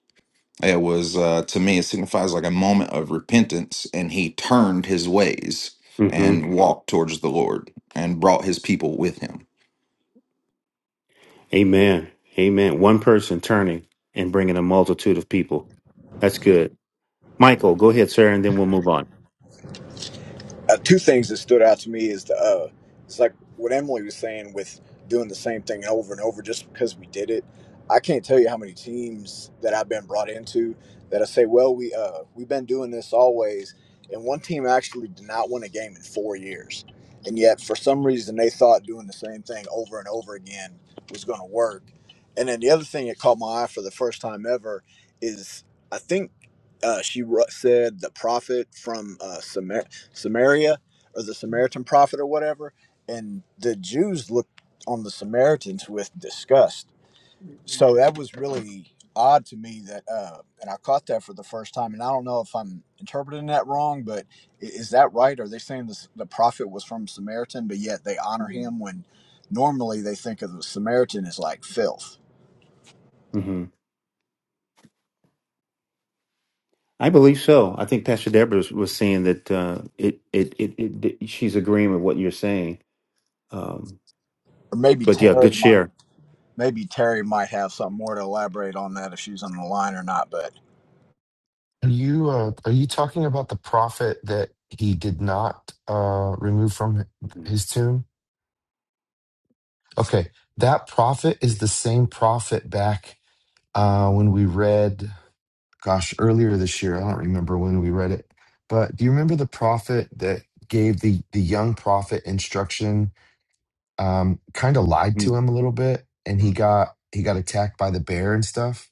Speaker 10: it was uh, to me it signifies like a moment of repentance and he turned his ways
Speaker 1: hmm
Speaker 10: and walked towards the lord and brought his people with him
Speaker 1: Amen. Amen. One person turning and bringing a multitude of people. That's good. Michael, go ahead, sir, and then we'll move on.
Speaker 11: uh, two things that stood out to me is the uh, it's like what Emily was saying with doing the same thing over and over just because we did it. I can't tell you how many teams that I've been brought into that I say, well, we uh, we've been doing this always, and one team actually did not win a game in four years, and yet for some reason they thought doing the same thing over and over again was going to work. And then the other thing that caught my eye for the first time ever is I think uh, she ru- said the prophet from uh, Samaria or the Samaritan prophet or whatever. And the Jews looked on the Samaritans with disgust. So that was really odd to me that, uh, and I caught that for the first time. And I don't know if I'm interpreting that wrong, but i- is that right? Are they saying this, the prophet was from Samaritan, but yet they honor him when normally they think of the Samaritan as like filth?
Speaker 1: hmm I believe so. I think Pastor Deborah was, was saying that uh, it, it, it, it, she's agreeing with what you're saying. Um,
Speaker 11: Or maybe
Speaker 1: but yeah, good
Speaker 11: Terry might.
Speaker 1: share.
Speaker 11: Maybe Terry might have something more to elaborate on that if she's on the line or not, but
Speaker 6: Are you uh, are you talking about the prophet that he did not uh, remove from
Speaker 1: Mm-hmm.
Speaker 6: his tomb? Okay, that prophet is the same prophet back uh, when we read. gosh, earlier this year. I don't remember when we read it, but do you remember the prophet that gave the the young prophet instruction? Um, kind of lied to him a little bit, and he got he got attacked by the bear and stuff,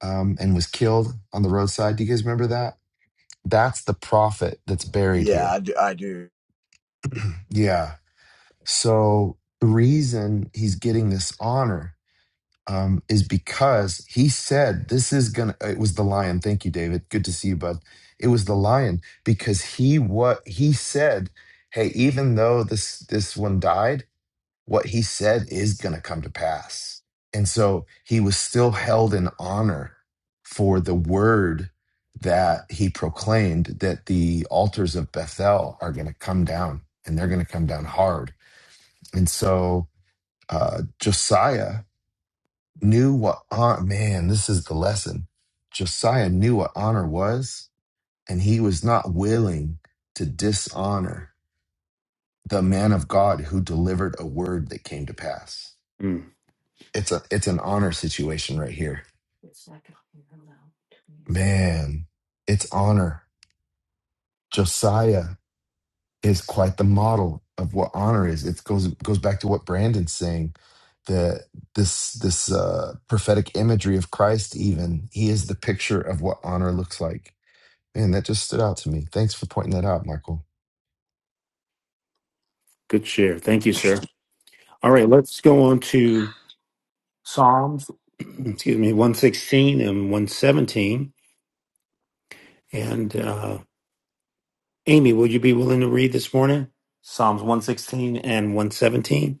Speaker 6: um, and was killed on the roadside. Do you guys remember that? That's the prophet that's buried
Speaker 11: yeah,
Speaker 6: here.
Speaker 11: I do. I do.
Speaker 6: Yeah. So the reason he's getting this honor um, is because he said this is gonna it was the lion thank you david good to see you bud it was the lion because he what he said hey even though this this one died what he said is gonna come to pass and so he was still held in honor for the word that he proclaimed that the altars of bethel are gonna come down and they're gonna come down hard and so uh, josiah knew what honor, man, this is the lesson. Josiah knew what honor was, and he was not willing to dishonor the man of God who delivered a word that came to pass.
Speaker 1: Mm-hmm.
Speaker 6: It's a it's an honor situation right here. Man, it's honor. Josiah is quite the model of what honor is. It goes goes back to what Brandon's saying. The this this uh prophetic imagery of Christ even, he is the picture of what honor looks like Man, that just stood out to me. Thanks for pointing that out, Michael.
Speaker 1: Good share. Thank you, sir. All right, let's go on to, excuse me, 116 and 117. And uh, Amy, would you be willing to read this morning? Psalms 116 and 117.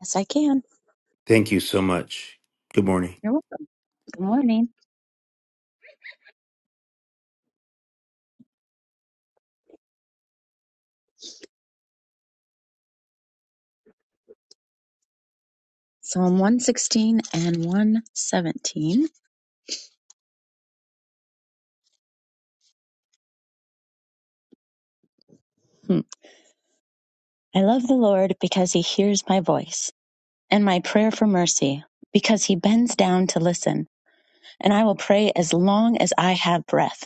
Speaker 12: Yes, I can.
Speaker 1: Thank you so much. Good morning.
Speaker 12: You're welcome. Good morning. Psalm 116 and 117. Hmm. I love the Lord because he hears my voice and my prayer for mercy, because he bends down to listen, and I will pray as long as I have breath.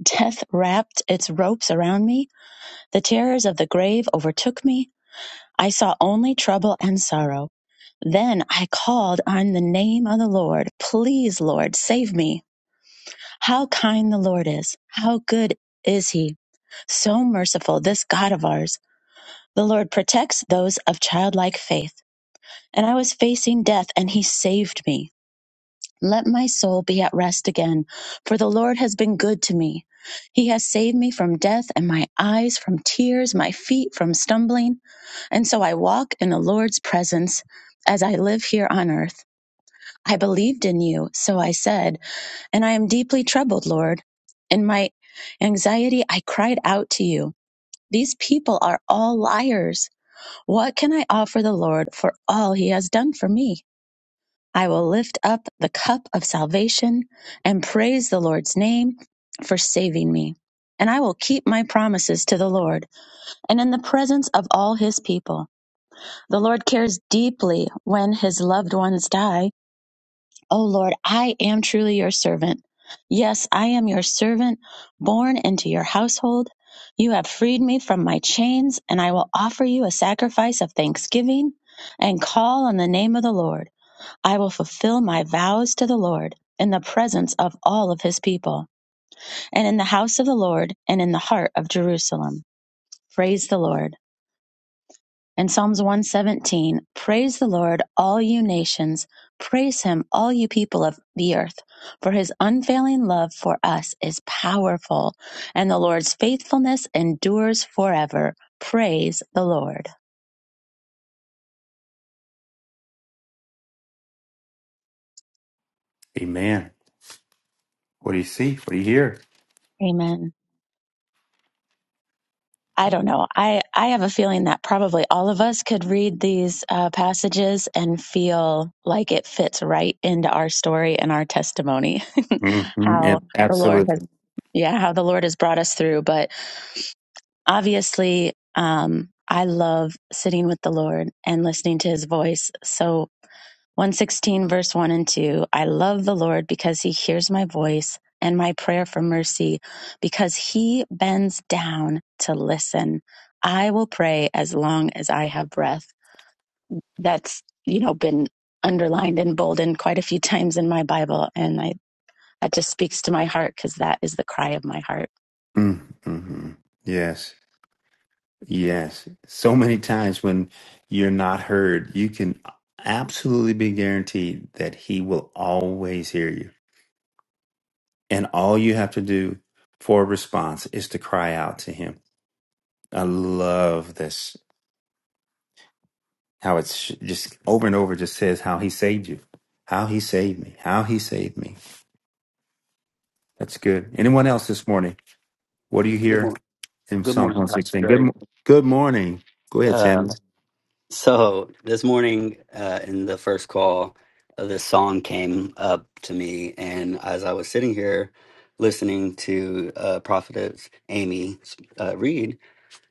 Speaker 12: Death wrapped its ropes around me, the terrors of the grave overtook me. I saw only trouble and sorrow. Then I called on the name of the Lord. Please, Lord, save me. How kind the Lord is! How good is he! So merciful, this God of ours. The Lord protects those of childlike faith. And I was facing death, and he saved me. Let my soul be at rest again, for the Lord has been good to me. He has saved me from death, and my eyes from tears, my feet from stumbling. And so I walk in the Lord's presence as I live here on earth. I believed in you, so I said, and I am deeply troubled, Lord. In my anxiety, I cried out to you. These people are all liars. What can I offer the Lord for all he has done for me? I will lift up the cup of salvation and praise the Lord's name for saving me. And I will keep my promises to the Lord and in the presence of all his people. The Lord cares deeply when his loved ones die. Oh Lord, I am truly your servant. Yes, I am your servant, born into your household. You have freed me from my chains, and I will offer you a sacrifice of thanksgiving and call on the name of the Lord. I will fulfill my vows to the Lord in the presence of all of his people, and in the house of the Lord, and in the heart of Jerusalem. Praise the Lord. In Psalms 117, praise the Lord, all you nations. Praise him, all you people of the earth. For his unfailing love for us is powerful, and the Lord's faithfulness endures forever. Praise the Lord.
Speaker 1: Amen. What do you see? What do you hear?
Speaker 12: Amen. I don't know. I, I have a feeling that probably all of us could read these uh, passages and feel like it fits right into our story and our testimony.
Speaker 1: hmm
Speaker 12: how
Speaker 1: Yep,
Speaker 12: the Lord has,
Speaker 1: absolutely.
Speaker 12: yeah, how the Lord has brought us through. But obviously um, i love sitting with the lord and listening to his voice so 116 verse 1 and 2 i love the lord because he hears my voice and my prayer for mercy because he bends down to listen i will pray as long as i have breath that's you know been underlined and boldened quite a few times in my bible and i that just speaks to my heart because that is the cry of my heart
Speaker 1: Mm-hmm. Yes. Yes. So many times when you're not heard, you can absolutely be guaranteed that He will always hear you And all you have to do for a response is to cry out to him. I love this, how it's just over and over just says how he saved you, how he saved me, how he saved me. That's good. Anyone else this morning? What do you
Speaker 13: Good
Speaker 1: hear
Speaker 13: morning.
Speaker 1: in
Speaker 13: Good
Speaker 1: Psalm
Speaker 13: morning, Pastor
Speaker 1: 116? Good,
Speaker 13: Greg.
Speaker 1: mo- good morning. Go ahead,
Speaker 13: Uh,
Speaker 1: Samuel.
Speaker 13: so this morning, uh, in the first call, uh, this song came up to me, and as I was sitting here listening to uh, Prophetess Amy uh, read,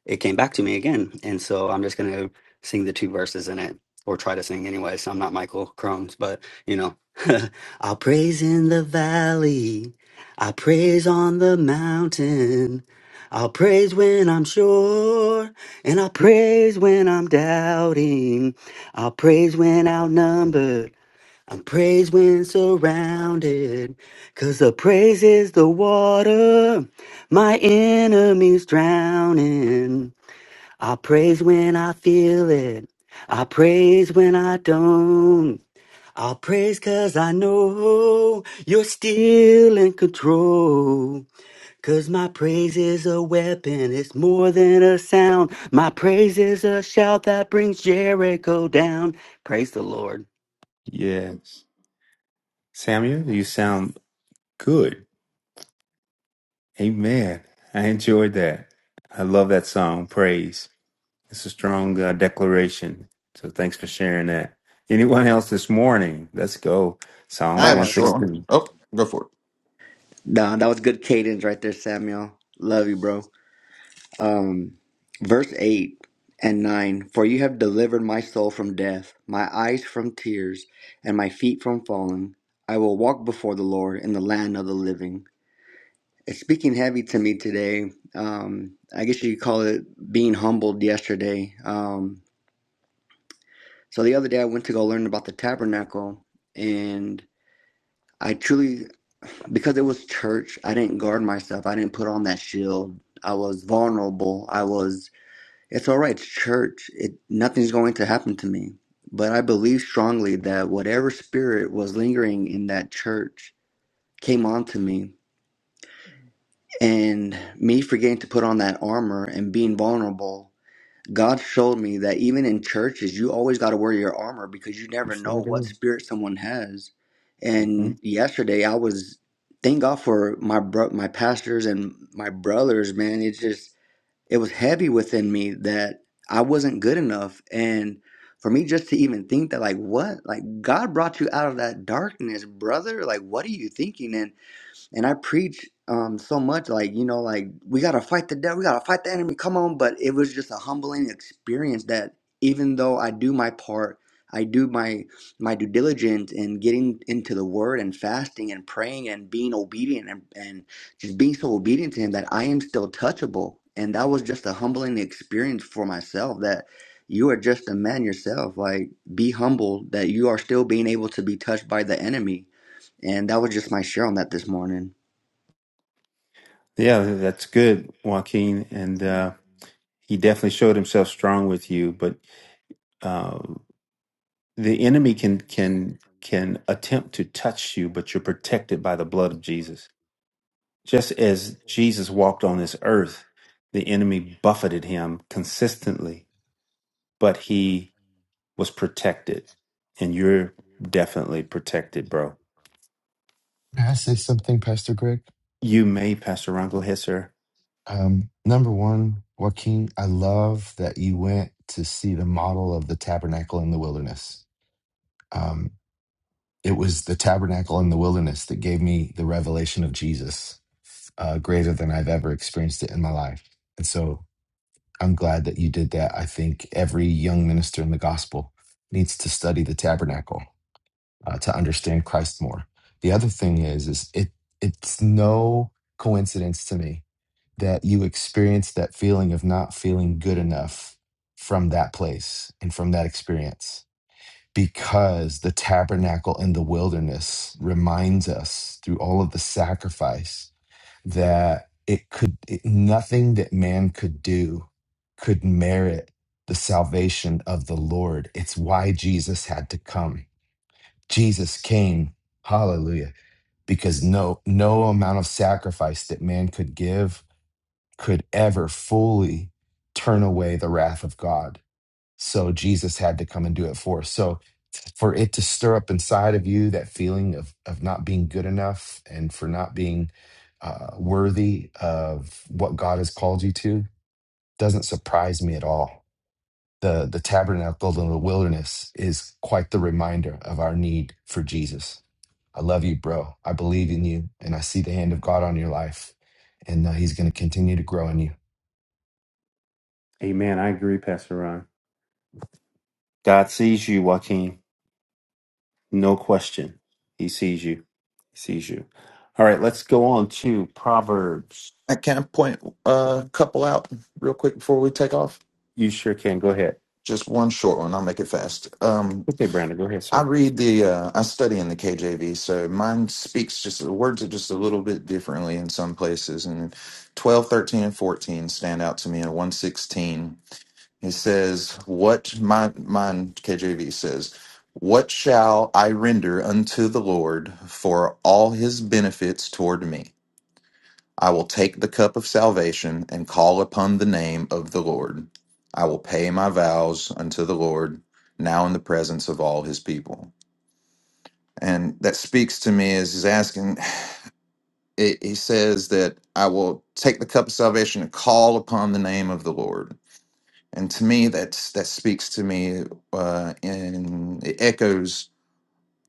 Speaker 13: it came back to me again. And so I'm just going to sing the two verses in it or try to sing anyway. So I'm not Michael Crohn's, but you know, I'll praise in the valley. I praise on the mountain. I'll praise when I'm sure and I'll praise when I'm doubting. I'll praise when outnumbered. i will praise when surrounded. Cause the praise is the water my enemies drowning. I praise when I feel it. I praise when I don't. I praise cause I know you're still in control. 'Cause my praise is a weapon, it's more than a sound. My praise is a shout that brings Jericho down. Praise the Lord.
Speaker 1: Yes. Samuel, you sound good. Amen. I enjoyed that. I love that song, Praise. It's a strong uh, declaration. So thanks for sharing that. Anyone else this morning? Let's go.
Speaker 10: i
Speaker 1: Psalms
Speaker 14: I
Speaker 10: have a
Speaker 14: have
Speaker 10: short one.
Speaker 14: something.
Speaker 1: 116.
Speaker 10: Oh, go for it
Speaker 14: Nah, that was good cadence right there, Samuel. Love you, bro. Um, verse 8 and 9 For you have delivered my soul from death, my eyes from tears, and my feet from falling. I will walk before the Lord in the land of the living. It's speaking heavy to me today. Um, I guess you could call it being humbled yesterday. Um, so the other day I went to go learn about the tabernacle, and I truly because it was church, I didn't guard myself. I didn't put on that shield. I was vulnerable. I was. It's all right. It's church. It nothing's going to happen to me. But I believe strongly that whatever spirit was lingering in that church came onto me, and me forgetting to put on that armor and being vulnerable God showed me that even in churches, you always got to wear your armor because you
Speaker 1: You
Speaker 14: never know
Speaker 1: sure
Speaker 14: what
Speaker 1: do.
Speaker 14: spirit someone has.
Speaker 1: hmm
Speaker 14: And yesterday, I was thank God for my bro- my pastors and my brothers. Man, it just it was heavy within me that I wasn't good enough, and for me just to even think that, like, what, like God brought you out of that darkness, brother. Like, what are you thinking? And and I preach um so much like you know like we gotta fight the devil, we gotta fight the enemy. Come on, but it was just a humbling experience that even though I do my part, I do my my due diligence in getting into the Word and fasting and praying and being obedient and and just being so obedient to Him that I am still touchable. And that was just a humbling experience for myself that you are just a man yourself. Like be humble that you are still being able to be touched by the enemy. And that was just my share on that this morning.
Speaker 1: Yeah, that's good, Joaquin. And uh, he definitely showed himself strong with you. But uh, the enemy can can can attempt to touch you, but you're protected by the blood of Jesus. Just as Jesus walked on this earth, the enemy buffeted him consistently, but he was protected, and you're definitely protected, bro.
Speaker 6: May I say something, Pastor Greg?
Speaker 1: You may, Pastor Ron. Go ahead, sir.
Speaker 6: Um, number one, Joaquin, I love that you went to see the model of the tabernacle in the wilderness. Um, it was the tabernacle in the wilderness that gave me the revelation of Jesus, uh, greater than I've ever experienced it in my life. And so I'm glad that you did that. I think every young minister in the gospel needs to study the tabernacle uh, to understand Christ more. The other thing is, is it it's no coincidence to me that you experience that feeling of not feeling good enough from that place and from that experience because the tabernacle in the wilderness reminds us through all of the sacrifice that it could it, nothing that man could do could merit the salvation of the lord it's why jesus had to come Jesus came, hallelujah, because no no amount of sacrifice that man could give could ever fully turn away the wrath of God. So Jesus had to come and do it for us. So for it to stir up inside of you that feeling of of not being good enough and for not being uh, worthy of what God has called you to doesn't surprise me at all. The the tabernacle in the wilderness is quite the reminder of our need for Jesus. I love you, bro. I believe in you, and I see the hand of God on your life, and uh, He's going to continue to grow in you.
Speaker 1: Amen. I agree, Pastor Ron. God sees you, Joaquin. No question. He sees you. He sees you. All right, let's go on to Proverbs.
Speaker 10: i can I point a couple out real quick before we take off
Speaker 1: You sure can. Go ahead.
Speaker 10: just one short one i'll make it fast um
Speaker 1: Okay, Brandon. Go ahead,
Speaker 10: I
Speaker 1: sir.
Speaker 10: read the, uh, I study in the KJV, so mine speaks just, the words are just a little bit differently in some places. And 12, 13, and 14 stand out to me. And 116, it says, What, my, mine KJV says, What shall I render unto the Lord for all his benefits toward me? I will take the cup of salvation and call upon the name of the Lord. I will pay my vows unto the Lord now in the presence of all his people and that speaks to me as he's asking it, he says that i will take the cup of salvation and call upon the name of the lord and to me that's that speaks to me uh, and it echoes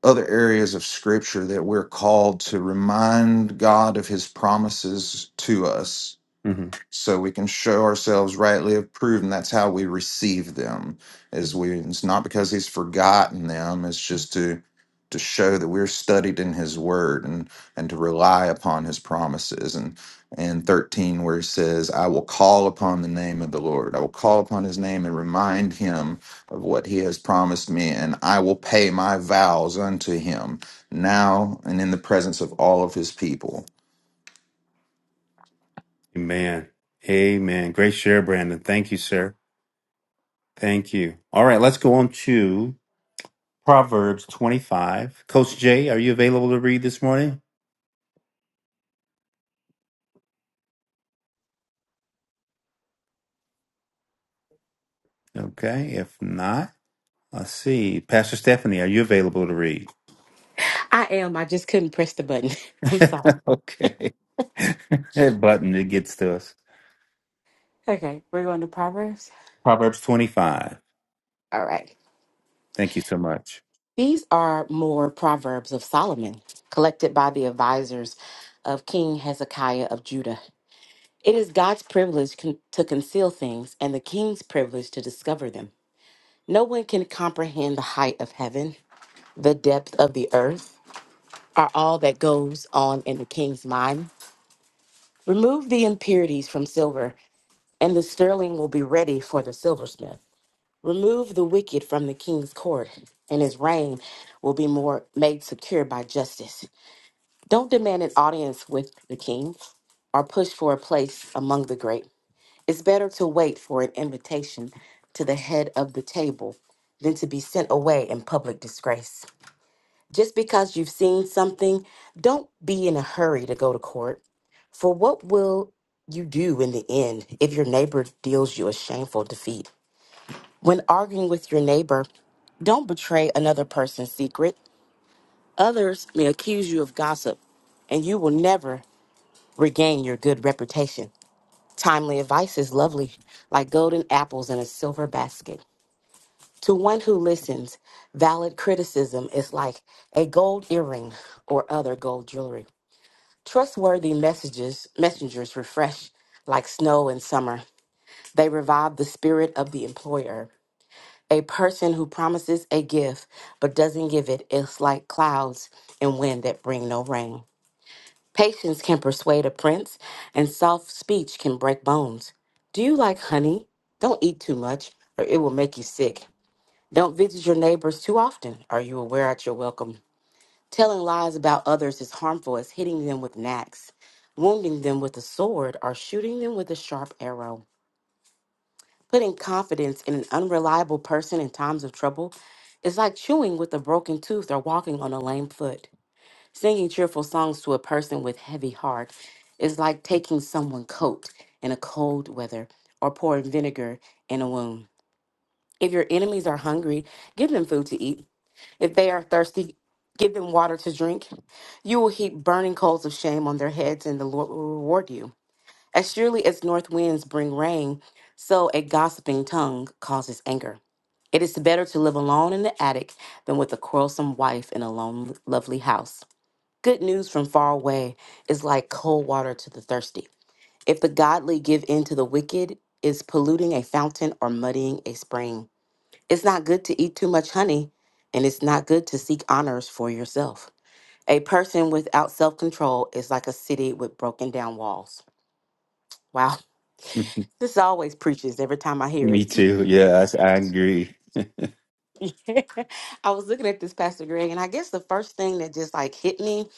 Speaker 10: other areas of scripture that we're called to remind god of his promises to us
Speaker 1: hmm
Speaker 10: so we can show ourselves rightly approved and that's how we receive them is we it's not because he's forgotten them it's just to to show that we're studied in his word and and to rely upon his promises and and 13 where he says i will call upon the name of the lord i will call upon his name and remind him of what he has promised me and i will pay my vows unto him now and in the presence of all of his people
Speaker 1: Amen. Amen. Great share, Brandon. Thank you, sir. Thank you. All right, let's go on to Proverbs 25. Coach Jay, are you available to read this morning? Okay, if not, let's see. Pastor Stephanie, are you available to read?
Speaker 15: I am. I just couldn't press the button. I'm sorry.
Speaker 1: okay. That button that gets to us.
Speaker 15: Okay, we're going to Proverbs.
Speaker 1: Proverbs 25.
Speaker 15: All right.
Speaker 1: Thank you so much.
Speaker 15: These are more Proverbs of Solomon, collected by the advisors of King Hezekiah of Judah. It is God's privilege con- to conceal things and the king's privilege to discover them. No one can comprehend the height of heaven, the depth of the earth, are all that goes on in the king's mind. Remove the impurities from silver, and the sterling will be ready for the silversmith. Remove the wicked from the king's court, and his reign will be more made secure by justice. Don't demand an audience with the king or push for a place among the great. It's better to wait for an invitation to the head of the table than to be sent away in public disgrace. Just because you've seen something, don't be in a hurry to go to court. For what will you do in the end if your neighbor deals you a shameful defeat? When arguing with your neighbor, don't betray another person's secret. Others may accuse you of gossip, and you will never regain your good reputation. Timely advice is lovely, like golden apples in a silver basket. To one who listens, valid criticism is like a gold earring or other gold jewelry. Trustworthy messages, messengers refresh like snow in summer. They revive the spirit of the employer. A person who promises a gift but doesn't give it is like clouds and wind that bring no rain. Patience can persuade a prince, and soft speech can break bones. Do you like honey? Don't eat too much, or it will make you sick. Don't visit your neighbors too often, or you will wear out your welcome. Telling lies about others is harmful as hitting them with an axe, wounding them with a sword, or shooting them with a sharp arrow. Putting confidence in an unreliable person in times of trouble is like chewing with a broken tooth or walking on a lame foot. Singing cheerful songs to a person with heavy heart is like taking someone coat in a cold weather or pouring vinegar in a wound. If your enemies are hungry, give them food to eat. If they are thirsty, give them water to drink. You will heap burning coals of shame on their heads, and the Lord will reward you. As surely as north winds bring rain, so a gossiping tongue causes anger. It is better to live alone in the attic than with a quarrelsome wife in a lone, lovely house. Good news from far away is like cold water to the thirsty. If the godly give in to the wicked, is polluting a fountain or muddying a spring. It's not good to eat too much honey, and it's not good to seek honors for yourself. A person without self control is like a city with broken down walls. Wow. This always preaches every time I hear
Speaker 1: Me
Speaker 15: it.
Speaker 1: too. Yeah, I, I agree.
Speaker 15: Yeah. I was looking at this, Pastor Greg, and I guess the first thing that just like hit me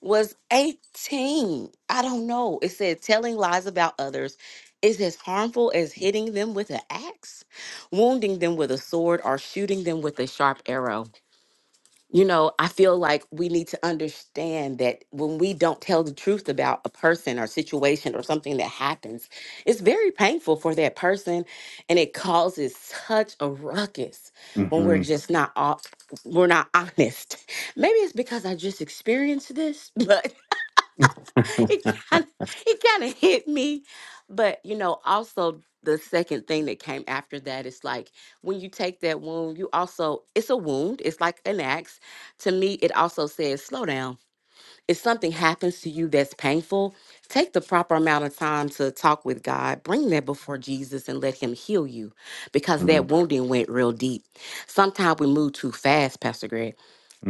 Speaker 15: was 18. I don't know. It said telling lies about others is as harmful as hitting them with an axe, wounding them with a sword, or shooting them with a sharp arrow. you know, I feel like we need to understand that when we don't tell the truth about a person or situation or something that happens, it's very painful for that person and it causes such a ruckus when we're
Speaker 1: hmm
Speaker 15: just not off we're not honest. Maybe it's because I just experienced this, but. it kind of it kind of hit me but you know also the second thing that came after that is like when you take that wound you also it's a wound it's like an axe to me it also says slow down if something happens to you that's painful take the proper amount of time to talk with god bring that before jesus and let him heal you because that wounding went real deep sometimes we move too fast pastor greg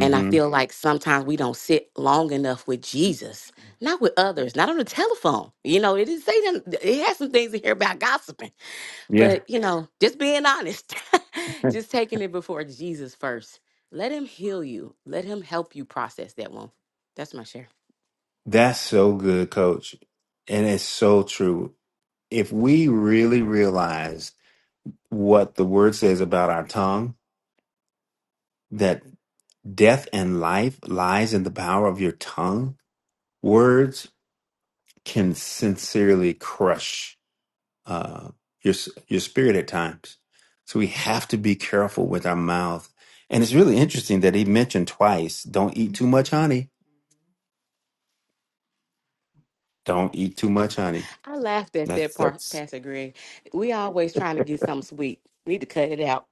Speaker 15: and I feel like sometimes we don't sit long enough with Jesus, not with others, not on the telephone. You know, it didn't say that it has some things in here about gossiping,
Speaker 1: Yeah.
Speaker 15: but you know, just being honest, just taking it before Jesus first. Let him heal you. Let him help you process that one. That's my share.
Speaker 1: That's so good, coach. And it's so true. If we really realize what the word says about our tongue, that death and life lies in the power of your tongue, Words can sincerely crush uh, your your spirit at times, so we have to be careful with our mouth. And it's really interesting that he mentioned twice: "Don't eat too much honey." Don't eat too much honey.
Speaker 15: I laughed at
Speaker 1: That's
Speaker 15: that part,
Speaker 1: that's.
Speaker 15: Pastor Greg. We always trying to get something sweet. Need to cut it out.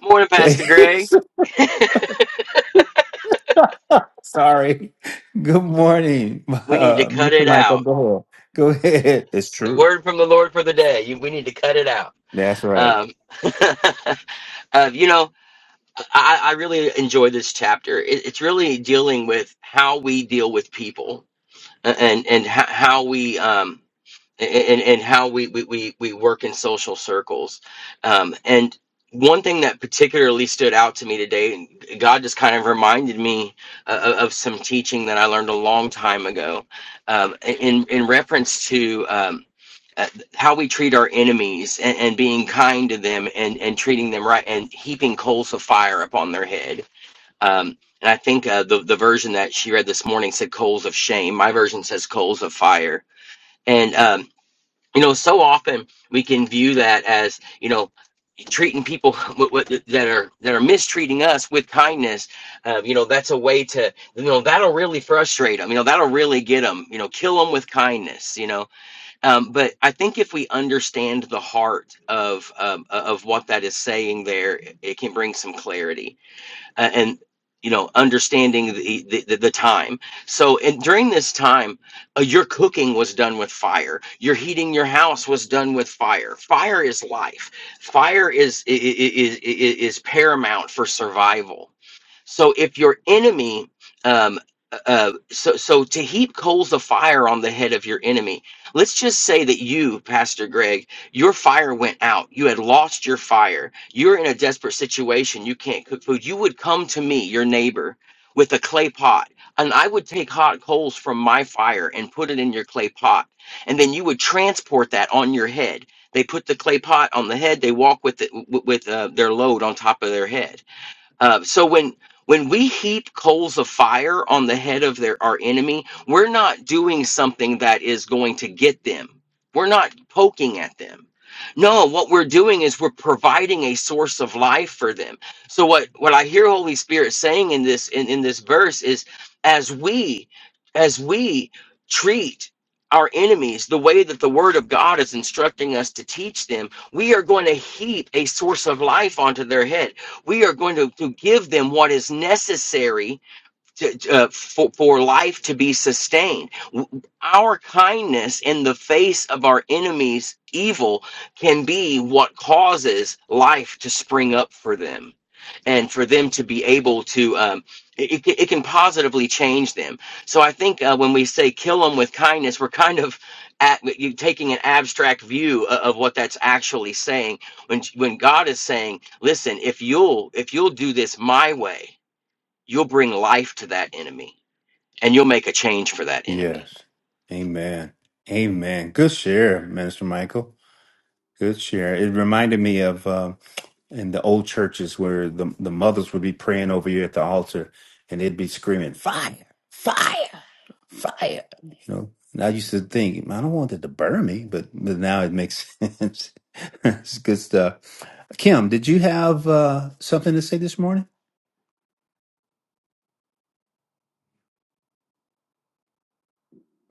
Speaker 16: Morning, Pastor Gray.
Speaker 1: Sorry. Good morning,
Speaker 16: We need to
Speaker 1: uh,
Speaker 16: cut
Speaker 1: Mr.
Speaker 16: it
Speaker 1: Michael.
Speaker 16: out.
Speaker 1: Go Go ahead. It's
Speaker 16: The
Speaker 1: true.
Speaker 16: word from the Lord for the day. You, we need to cut it out.
Speaker 1: That's right.
Speaker 16: Um, uh, you know, I, I really enjoy this chapter. It, it's really dealing with how we deal with people. and and ho- how we um and and how we we we, we work in social circles um and one thing that particularly stood out to me today and god just kind of reminded me uh, of some teaching that i learned a long time ago um in in reference to um uh, how we treat our enemies and, and being kind to them and, and treating them right and heaping coals of fire upon their head um, and I think uh, the the version that she read this morning said coals of shame. My version says coals of fire. And um, you know, so often we can view that as you know treating people with, with, that are that are mistreating us with kindness. Uh, you know, that's a way to you know that'll really frustrate them. You know, that'll really get them. You know, kill them with kindness. You know, um, but I think if we understand the heart of um, of what that is saying, there it can bring some clarity uh, and you know understanding the, the the the time so and during this time uh, your cooking was done with fire your heating your house was done with fire fire is life fire is is is, is paramount for survival so if your enemy, um, uh, uh, so so to heap coals of fire on the head of your enemy. Let's just say that you, Pastor Greg, your fire went out. You had lost your fire. You're in a desperate situation. You can't cook food. You would come to me, your neighbor, with a clay pot, and I would take hot coals from my fire and put it in your clay pot, and then you would transport that on your head. They put the clay pot on the head. They walk with it, with uh, their load on top of their head uh, so when when we heap coals of fire on the head of their our enemy, we're not doing something that is going to get them. We're not poking at them. No, what we're doing is we're providing a source of life for them. So what what I hear Holy Spirit saying in this in, in this verse is as we as we treat our enemies the way that the word of God is instructing us to teach them, we are going to heap a source of life onto their head we are going to, to give them what is necessary to, uh, for, for life to be sustained. Our kindness in the face of our enemy's evil can be what causes life to spring up for them and for them to be able to. Um, it, it it can positively change them. So I think uh, when we say kill them with kindness, we're kind of at, you taking an abstract view of, of what that's actually saying. When when God is saying, "Listen, if you'll if you'll do this my way, you'll bring life to that enemy and you'll make a change for that enemy
Speaker 1: Yes. Amen. Amen. Good share, Minister Michael. Good share. It reminded me of. um, in the old churches where the, the mothers would be praying over you at the altar and they'd be screaming, fire, fire, fire. You know, and I used to think, I don't want it to burn me, but, but now it makes sense. it's good stuff. Kim, did you have uh, something to say this morning?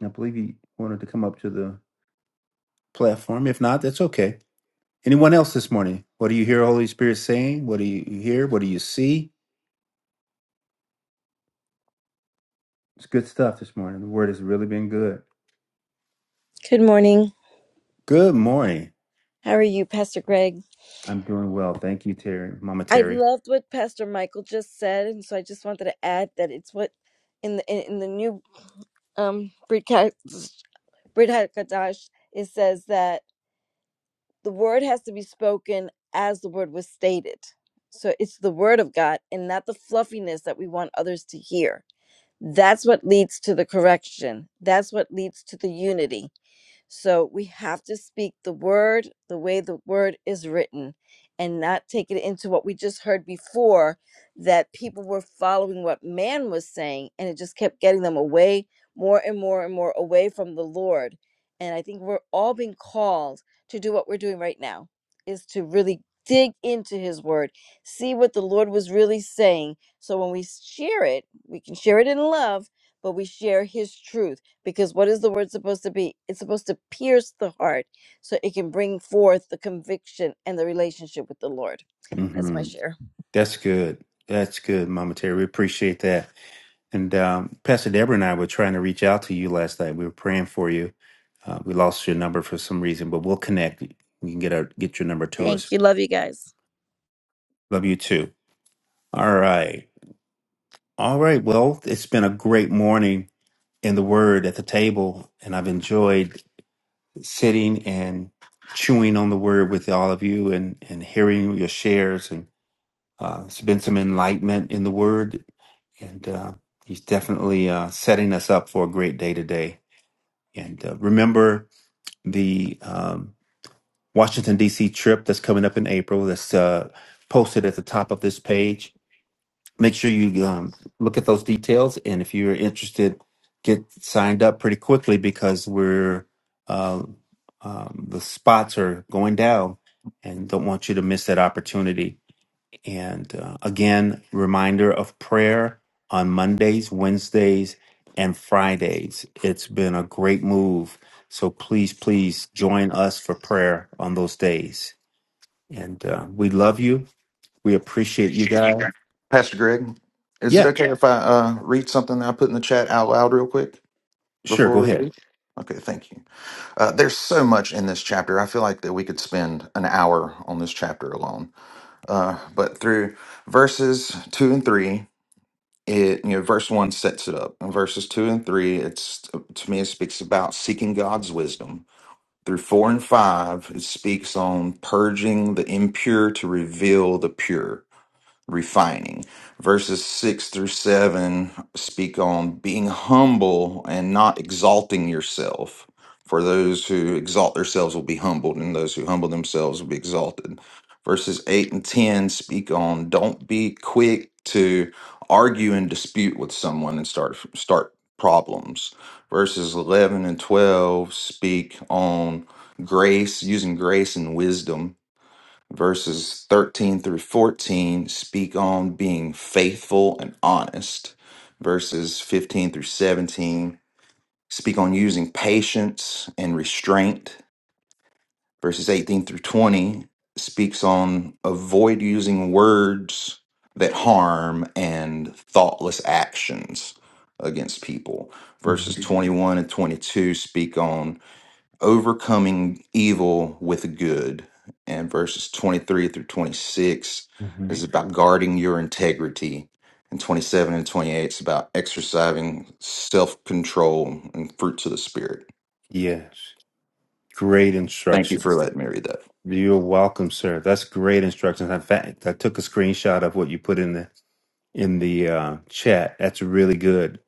Speaker 1: I believe you wanted to come up to the platform. If not, that's okay. Anyone else this morning? What do you hear Holy Spirit saying? What do you hear? What do you see? It's good stuff this morning. The word has really been good.
Speaker 17: Good morning.
Speaker 1: Good morning.
Speaker 17: How are you, Pastor Greg?
Speaker 1: I'm doing well. Thank you, Terry, Mama
Speaker 17: I
Speaker 1: Terry.
Speaker 17: loved what Pastor Michael just said, and so I just wanted to add that it's what in the in, in the new um Brit Hadash it says that the word has to be spoken as the word was stated. So it's the word of God and not the fluffiness that we want others to hear. That's what leads to the correction. That's what leads to the unity So we have to speak the word the way the word is written and not take it into what we just heard before that people were following what man was saying and it just kept getting them away more and more and more away from the Lord. And I think we're all being called to do what we're doing right now is to really dig into his word, see what the Lord was really saying. So when we share it, we can share it in love, but we share his truth because what is the word supposed to be? It's supposed to pierce the heart so it can bring forth the conviction and the relationship with the Lord. That's my
Speaker 1: hmm
Speaker 17: share.
Speaker 1: That's good. That's good, Mama Terry. We appreciate that. And um, Pastor Deborah and I were trying to reach out to you last night. We were praying for you. Uh, we lost your number for some reason, but we'll connect. We can get our get your number to us.
Speaker 17: Thank you. Love you guys.
Speaker 1: Love you too. All right. All right. Well, it's been a great morning in the Word at the table, and I've enjoyed sitting and chewing on the Word with all of you and and hearing your shares Uh, there's been some enlightenment in the word, and uh, he's definitely uh, setting us up for a great day today. And uh, remember the um, Washington, D.C. trip that's coming up in April that's uh, posted at the top of this page. Make sure you um, look at those details. And if you're interested, get signed up pretty quickly because we're uh, um, the spots are going down and don't want you to miss that opportunity. And uh, again, reminder of prayer on Mondays, Wednesdays, and Fridays. It's been a great move. So please, please join us for prayer on those days. And uh, we love you. We appreciate you guys.
Speaker 10: Pastor Greg, is it
Speaker 1: Yeah,
Speaker 10: okay Yes. if I uh, read something that I put in the chat out loud real quick
Speaker 1: sure.
Speaker 10: before
Speaker 1: Go
Speaker 10: we
Speaker 1: ahead.
Speaker 10: read? Okay, thank you. Uh, there's so much in this chapter. I feel like that we could spend an hour on this chapter alone. Uh, but through verses two and three, it you know verse one sets it up, and verses two and three, it's to me it speaks about seeking God's wisdom. Through four and five, it speaks on purging the impure to reveal the pure refining. Verses 6 through 7 speak on being humble and not exalting yourself. For those who exalt themselves will be humbled, and those who humble themselves will be exalted. Verses 8 and 10 speak on don't be quick to argue and dispute with someone and start start problems. Verses 11 and 12 speak on grace, using grace and wisdom Verses 13 through 14 speak on being faithful and honest. Verses 15 through 17 speak on using patience and restraint. Verses 18 through 20 speaks on avoid using words that harm and thoughtless actions against people. Verses
Speaker 1: Mhm,
Speaker 10: 21 and 22 speak on overcoming evil with good. And verses 23 through 26
Speaker 1: mhm.
Speaker 10: is about guarding your integrity. And 27 and 28 is about exercising self control and fruits of the Spirit.
Speaker 1: Yes. Great
Speaker 10: Thank you for
Speaker 1: instructions.
Speaker 10: letting me read that.
Speaker 1: You're welcome, sir. That's great instructions. In fact, I took a screenshot of what you put in there in the uh, chat. That's really good.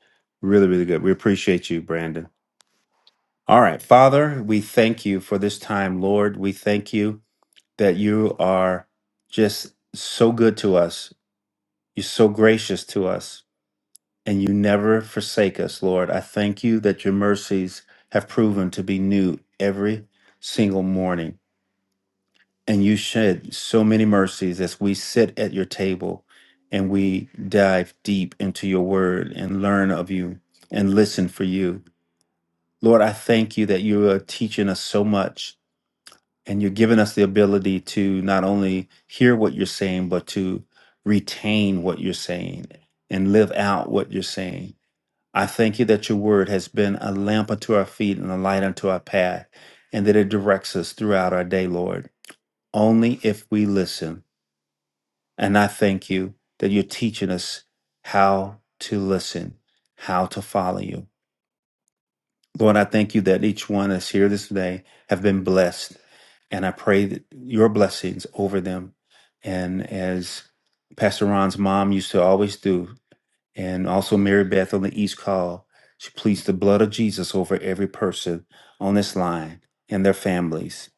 Speaker 1: Really, really good. We appreciate you, Brandon. All right. Father, we thank you for this time, Lord. We thank you that you are just so good to us. You're so gracious to us, and you never forsake us, Lord. I thank you that your mercies have proven to be new every single morning. and you shed so many mercies as we sit at your table and we dive deep into your word and learn of you and listen for you. Lord, I thank you that you are teaching us so much and you're giving us the ability to not only hear what you're saying, but to retain what you're saying and live out what you're saying. I thank you that your word has been a lamp unto our feet and a light unto our path, and that it directs us throughout our day, Lord, only if we listen And I thank you that you're teaching us how to listen, how to follow you. Lord, I thank you that each one that's here this day have been blessed. And I pray that your blessings over them. And as Pastor Ron's mom used to always do, and also Mary Beth on the East Call, she pleads the blood of Jesus over every person on this line and their families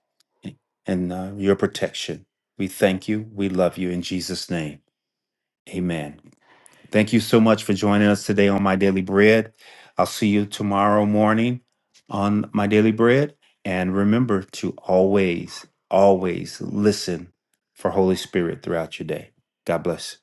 Speaker 1: and uh, your protection. We thank you. We love you in Jesus' name. Amen. Thank you so much for joining us today on My Daily Bread. I'll see you tomorrow morning on My Daily Bread. And remember to always, always listen for Holy Spirit throughout your day. God bless.